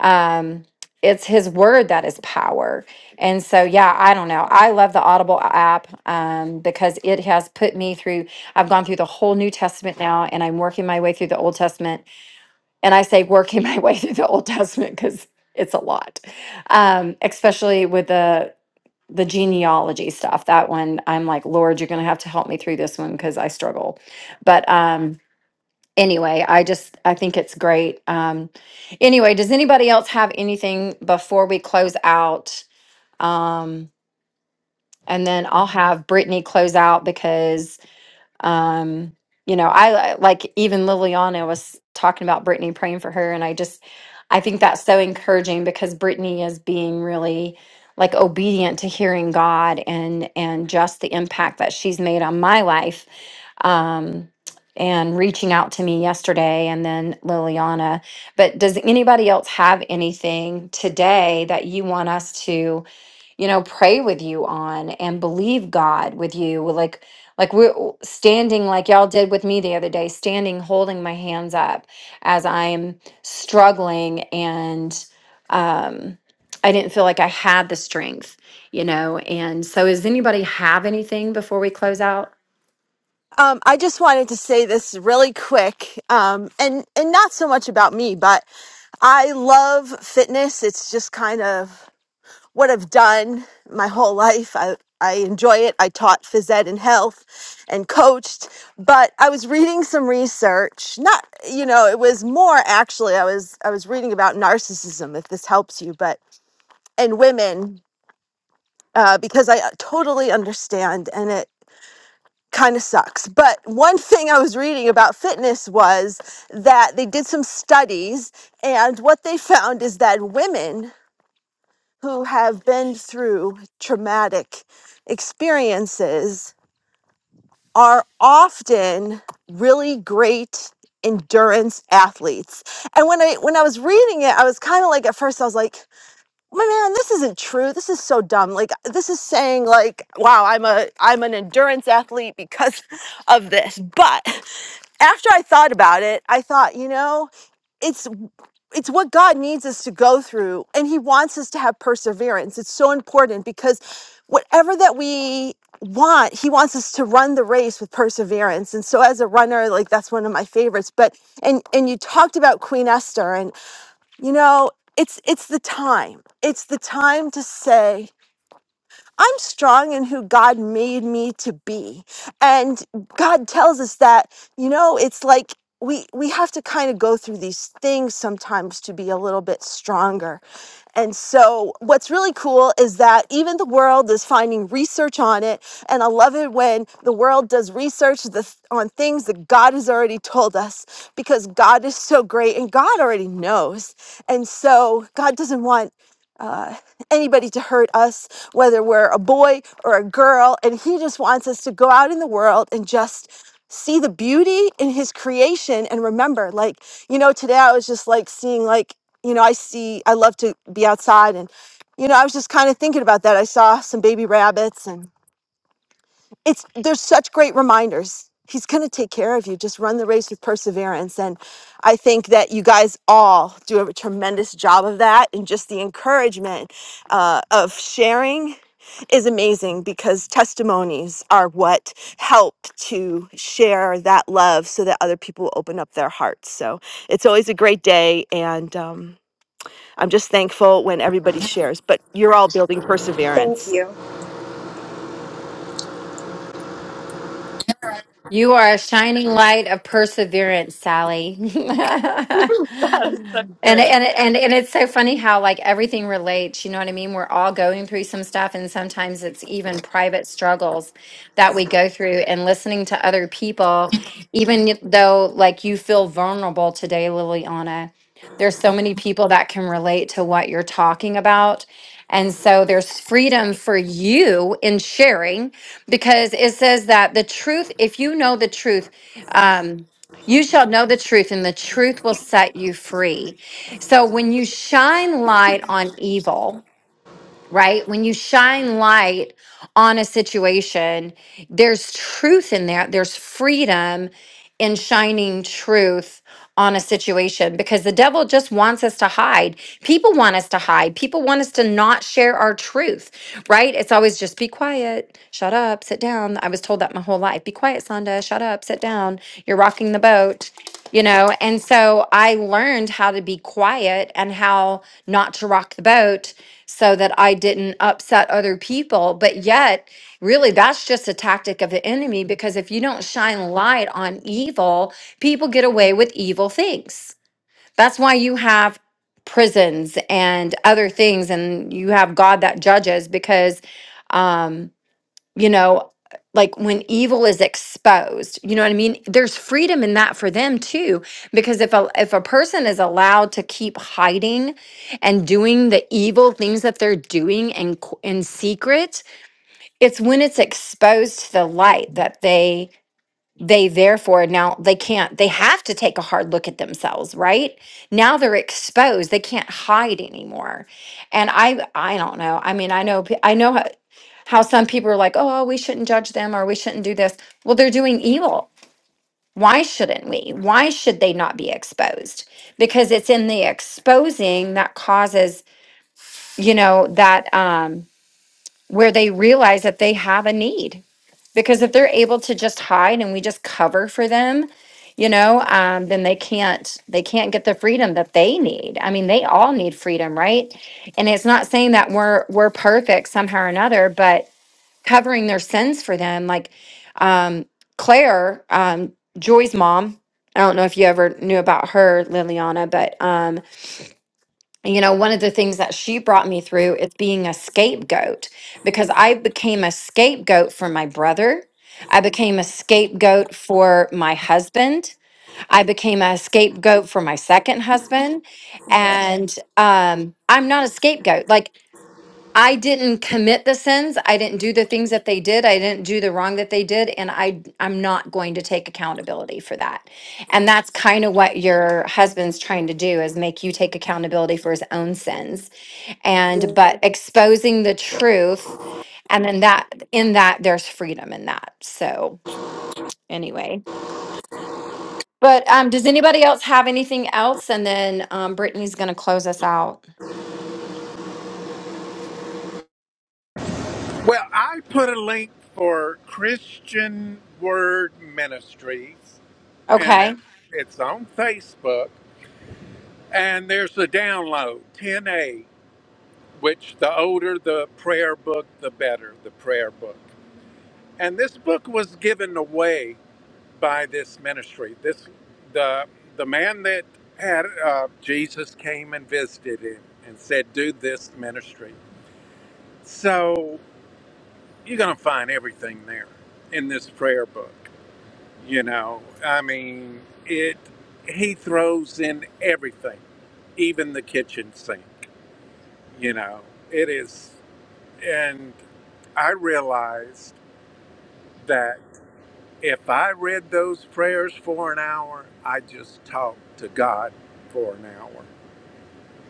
um it's his word that is power and so yeah i don't know i love the audible app um, because it has put me through i've gone through the whole new testament now and i'm working my way through the old testament and I say working my way through the Old Testament because it's a lot, um, especially with the the genealogy stuff. That one, I'm like, Lord, you're going to have to help me through this one because I struggle. But um, anyway, I just I think it's great. Um, anyway, does anybody else have anything before we close out? Um, and then I'll have Brittany close out because um you know i I- like even liliana was talking about brittany praying for her and i just i think that's so encouraging because brittany is being really like obedient to hearing god and and just the impact that she's made on my life um and reaching out to me yesterday and then liliana but does anybody else have anything today that you want us to you know, pray with you on and believe God with you. Like, like we're w- standing, like y'all did with me the other day, standing, holding my hands up as I'm struggling, and um, I didn't feel like I had the strength, you know. And so, does anybody have anything before we close out?
Um, I just wanted to say this really quick, um, and and not so much about me, but I love fitness. It's just kind of what I've done my whole life. I I enjoy it. I taught phys ed and health and coached, but I was reading some research. Not, you know, it was more actually I was I was reading about narcissism if this helps you, but and women uh, because I uh, totally understand and it kind of sucks. But one thing I was reading about fitness was that they did some studies, and what they found is that women who have been through traumatic experiences are often really great endurance athletes. And when I when I was reading it, I was kind of like at first I was like my man this isn't true this is so dumb like this is saying like wow i'm a i'm an endurance athlete because of this but after i thought about it i thought you know it's it's what god needs us to go through and he wants us to have perseverance it's so important because whatever that we want he wants us to run the race with perseverance and so as a runner like that's one of my favorites but and and you talked about queen esther and. You know, it's it's the time. It's the time to say I'm strong in who God made me to be. And God tells us that, you know, it's like we we have to kind of go through these things sometimes to be a little bit stronger. And so what's really cool is that even the world is finding research on it and I love it when the world does research the, on things that God has already told us because God is so great and God already knows. And so God doesn't want uh, anybody to hurt us, whether we're a boy or a girl. And He just wants us to go out in the world and just see the beauty in His creation and remember, like, you know, today I was just like seeing, like, you know, I see, I love to be outside and you know, I was just kind of thinking about that. I saw some baby rabbits and it's there's such great reminders. He's going to take care of you. Just run the race with perseverance. And I think that you guys all do a tremendous job of that. And just the encouragement uh, of sharing is amazing because testimonies are what help to share that love so that other people open up their hearts. So it's always a great day. And um, I'm just thankful when everybody shares, but you're all building
Thank
perseverance.
you.
You are a shining light of perseverance, Sally.
that is so
And
true.
and and and it's so funny how like everything relates, you know what I mean? We're all going through some stuff and sometimes it's even private struggles that we go through and listening to other people even y- though like you feel vulnerable today, Liliana. There's so many people that can relate to what you're talking about. And so there's freedom for you in sharing because it says that the truth, if you know the truth, um, you shall know the truth and the truth will set you free. So when you shine light on evil, right? When you shine light on a situation, there's truth in there. There's freedom in shining truth on a situation because the devil just wants us to hide. People want us to hide. People want us to not share our truth, right? It's always just be quiet, shut up, sit down. I was told that my whole life. Be quiet, Sonda, shut up, sit down. You're rocking the boat you know and so i learned how to be quiet and how not to rock the boat so that i didn't upset other people but yet really that's just a tactic of the enemy because if you don't shine light on evil people get away with evil things that's why you have prisons and other things and you have god that judges because um you know, like when evil is exposed, you know what I mean? There's freedom in that for them too, because if a if a person is allowed to keep hiding and doing the evil things that they're doing in qu- in secret, it's when it's exposed to the light that they they therefore now they can't they have to take a hard look at themselves, right? Now they're exposed, they can't hide anymore. And I I don't know. I mean, I know pe- I know how some people are like, oh, oh, we shouldn't judge them or we shouldn't do this. Well, they're doing evil. Why shouldn't we? Why should they not be exposed? Because it's in the exposing that causes, you know, that um, where they realize that they have a need. Because if they're able to just hide and we just cover for them, you know, um, then they can't they can't get the freedom that they need. I mean, they all need freedom, right? And it's not saying that we're we're perfect somehow or another, but covering their sins for them. Like um, Claire, um, Joy's mom. I don't know if you ever knew about her, Liliana, but um, you know, one of the things that she brought me through is being a scapegoat because I became a scapegoat for my brother. I became a scapegoat for my husband. I became a scapegoat for my second husband.
Yeah,
And um, I'm not a scapegoat. Like I didn't commit the sins. I didn't do the things that they did. I didn't do the wrong that they did. And I, I'm not going to take accountability for that. And that's kind of what your husband's trying to do is make you take accountability for his own sins. And, but exposing the truth. And then that, in that, there's freedom in that. So, anyway. But um, does anybody else have anything else? And then um, Brittany's going to close us out.
Well, I put a link for Christian Word Ministries, and it
Okay.
it's on Facebook. And there's a download 10a, which the older the prayer book, the better the prayer book. And this book was given away by this ministry. This the the man that had uh, Jesus came and visited him and said, "Do this ministry." So you're gonna find everything there in this prayer book. You know, I mean, it. He throws in everything, even the kitchen sink. You know, it is, and I realized that if I read those prayers for an hour, I just talked to God for an hour.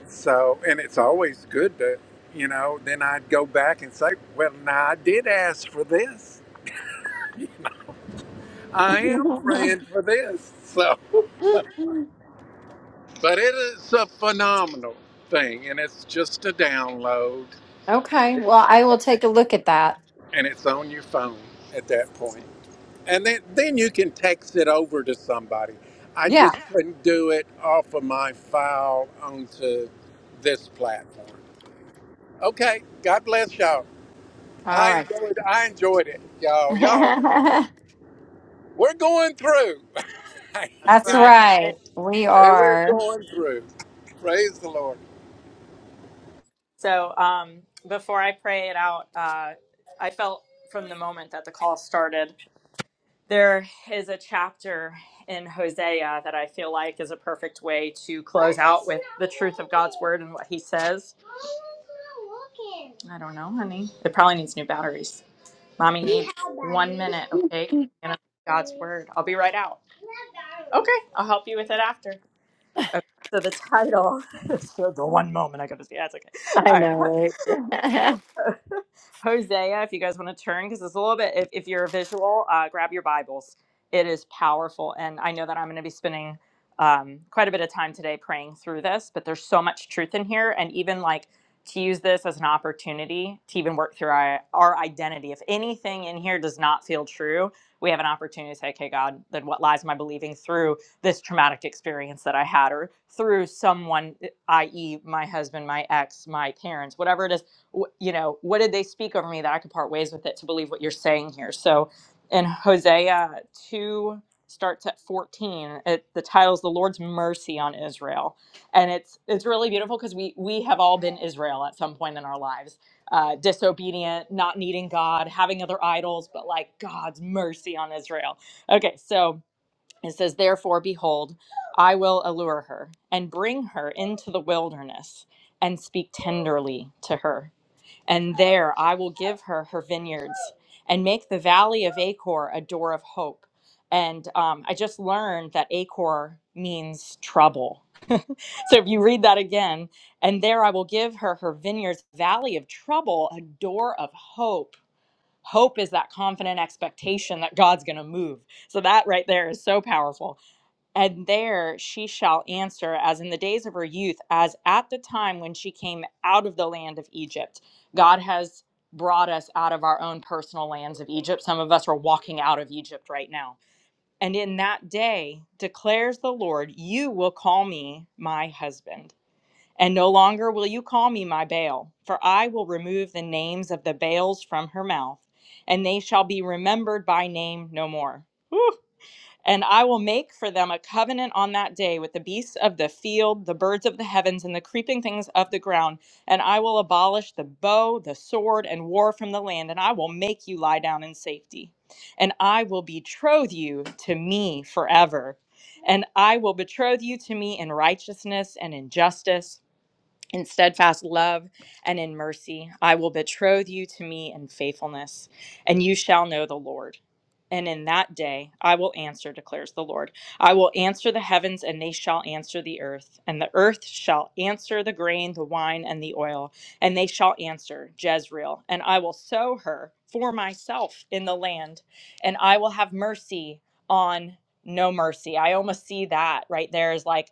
So, and it's always good to, you know, then I'd go back and say, well, now I did ask for this. I am praying for this. So. But it is a phenomenal thing, and it's just a download, and,
Okay.
it,
Well, I
and,
will
it,
take a look at that.
and it's on your phone at that point. And then, then you can text it over to somebody. I
Yeah.
just couldn't do it off of my file onto this platform. Okay, God bless y'all.
All
I
right.
enjoyed, I enjoyed it, y'all. Y'all, we're going through.
That's
That's
right. And
right. We
we're
are.
going through. Praise the Lord.
so um, before I pray it out, uh, I felt from the moment that the call started, there is a chapter in Hosea that I feel like is a perfect way to close out with the truth of God's word and what he says. I don't know, honey. It probably needs new batteries. Mommy needs one minute, okay? Gonna- God's word. I'll be right out. Okay, I'll help you with it after. Okay, so the title. so the one moment I got to see. That's okay.
I
All right.
know. Right?
Hosea, if you guys want to turn, because it's a little bit, if, if you're a visual, uh, grab your Bibles. It is powerful. And I know that I'm going to be spending um, quite a bit of time today praying through this, but there's so much truth in here. And even like to use this as an opportunity to even work through our, our identity. If anything in here does not feel true, we have an opportunity to say, okay, God, then what lies am I believing through this traumatic experience that I had or through someone, i.e., my husband, my ex, my parents, whatever it is? you know, what did they speak over me that I could part ways with it to believe what you're saying here? So in Hosea 2 starts at 14 it the title is the lord's mercy on israel and it's it's really beautiful because we we have all been israel at some point in our lives uh disobedient not needing god having other idols but like god's mercy on israel okay so it says therefore behold i will allure her and bring her into the wilderness and speak tenderly to her and there I will give her her vineyards and make the valley of Acor a door of hope. And um, I just learned that Acor means trouble. so if you read that again, and there I will give her her vineyards, valley of trouble, a door of hope. Hope is that confident expectation that God's going to move. So that right there is so powerful and there she shall answer as in the days of her youth, as at the time when she came out of the land of Egypt. God has brought us out of our own personal lands of Egypt. Some of us are walking out of Egypt right now. And in that day, declares the Lord, you will call me my husband. And no longer will you call me my Baal, for I will remove the names of the Baals from her mouth, and they shall be remembered by name no more. Woo! And I will make for them a covenant on that day with the beasts of the field, the birds of the heavens, and the creeping things of the ground. And I will abolish the bow, the sword, and war from the land. And I will make you lie down in safety. And I will betroth you to me forever. And I will betroth you to me in righteousness and in justice in steadfast love and in mercy. I will betroth you to me in faithfulness, and you shall know the Lord. And in that day I will answer, declares the Lord. I will answer the heavens, and they shall answer the earth. And the earth shall answer the grain, the wine, and the oil. And they shall answer Jezreel. And I will sow her for myself in the land, and I will have mercy on no mercy. I almost see that right there is like,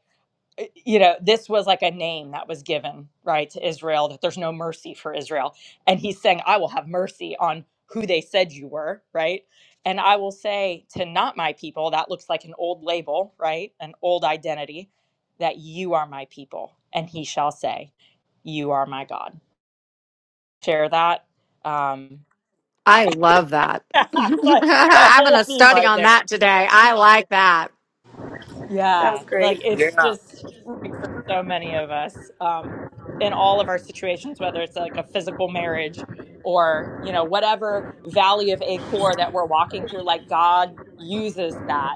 eh, you know, this was like a name that was given, right, to Israel, that there's no mercy for Israel. And he's saying, I will have mercy on who they said you were, right? And I will say to not my people, that looks like an old label, right? An old identity, that you are my people. And he shall say, You are my God. Share that. Um,
I love that.
like- it's a
I'm going
whole
to
theme
study
right
on
there.
that today. I like that.
that was
Yeah, like
great.
it's
Yeah.
just like for so many of us um, in all of our situations, whether it's like a physical marriage or you know whatever valley of acor that we're walking through, like God uses that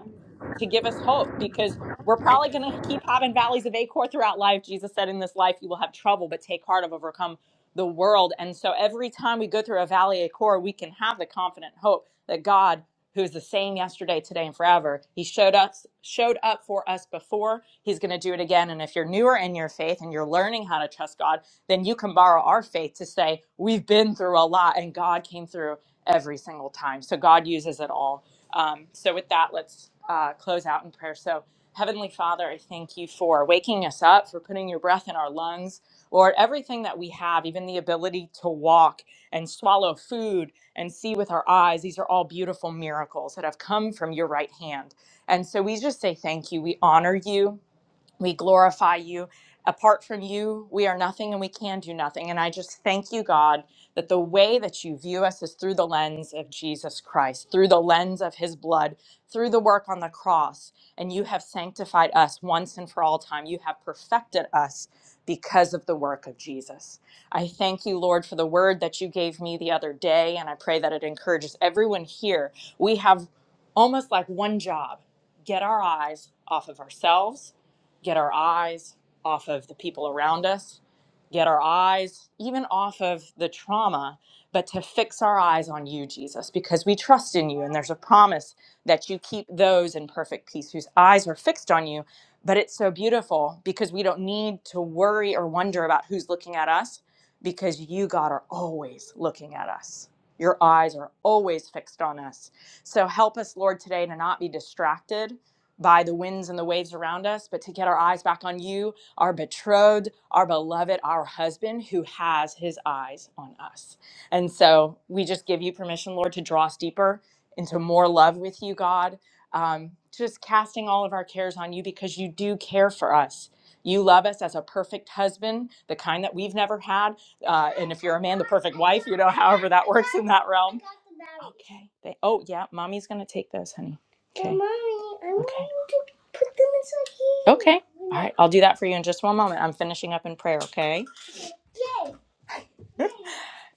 to give us hope because we're probably going to keep having valleys of acor throughout life. Jesus said, "In this life you will have trouble, but take heart, I've overcome the world." And so every time we go through a valley of acor, we can have the confident hope that God who is the same yesterday, today, and forever. He showed us showed up for us before. He's going to do it again. And if you're newer in your faith and you're learning how to trust God, then you can borrow our faith to say we've been through a lot, and God came through every single time. So God uses it all. Um, so with that, let's uh, close out in prayer. So Heavenly Father, I thank you for waking us up, for putting your breath in our lungs. Lord, everything that we have, even the ability to walk and swallow food and see with our eyes. These are all beautiful miracles that have come from your right hand. And so we just say thank you. We honor you. We glorify you. Apart from you, we are nothing and we can do nothing. And I just thank you, God, that the way that you view us is through the lens of Jesus Christ, through the lens of his blood, through the work on the cross. And you have sanctified us once and for all time. You have perfected us because of the work of Jesus. I thank you, Lord, for the word that you gave me the other day. And I pray that it encourages everyone here. We have almost like one job get our eyes off of ourselves get our eyes off of the people around us, get our eyes even off of the trauma, but to fix our eyes on you, Jesus, because we trust in you. And there's a promise that you keep those in perfect peace whose eyes are fixed on you. But it's so beautiful because we don't need to worry or wonder about who's looking at us because you, God, are always looking at us. Your eyes are always fixed on us. So help us, Lord, today to not be distracted by the winds and the waves around us, but to get our eyes back on you, our betrothed, our beloved, our husband who has his eyes on us. And so we just give you permission, Lord, to draw us deeper into more love with you, God. Um, just casting all of our cares on you because you do care for us. You love us as a perfect husband, the kind that we've never had. Uh, and if you're a man, the perfect wife, you know, however that works in that realm. Okay. They, oh, yeah, mommy's going to take this, honey. Okay. Well, mommy, I'm okay. going to put them inside here. Okay. All right. I'll do that for you in just one moment. I'm finishing up in prayer, okay? Yay.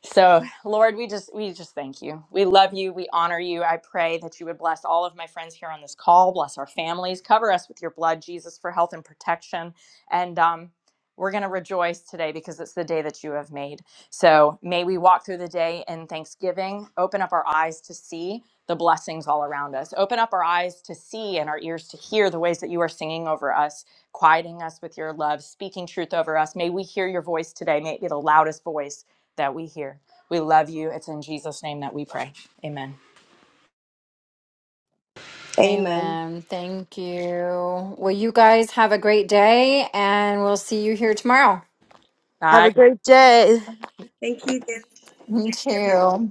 So, Lord, we just we just thank you. We love you. We honor you. I pray that you would bless all of my friends here on this call. Bless our families. Cover us with your blood, Jesus, for health and protection. And um, we're going to rejoice today because it's the day that you have made. So may we walk through the day in thanksgiving. Open up our eyes to see the blessings all around us. Open up our eyes to see and our ears to hear the ways that you are singing over us, quieting us with your love, speaking truth over us. May we hear your voice today. May it be the loudest voice that we hear. We love you. It's in Jesus' name that we pray. Amen.
Amen.
Amen. Thank you. Well, you guys have a great day, and we'll see you here tomorrow.
Have
I
a great day.
Thank you again,
Me
everyone.
too.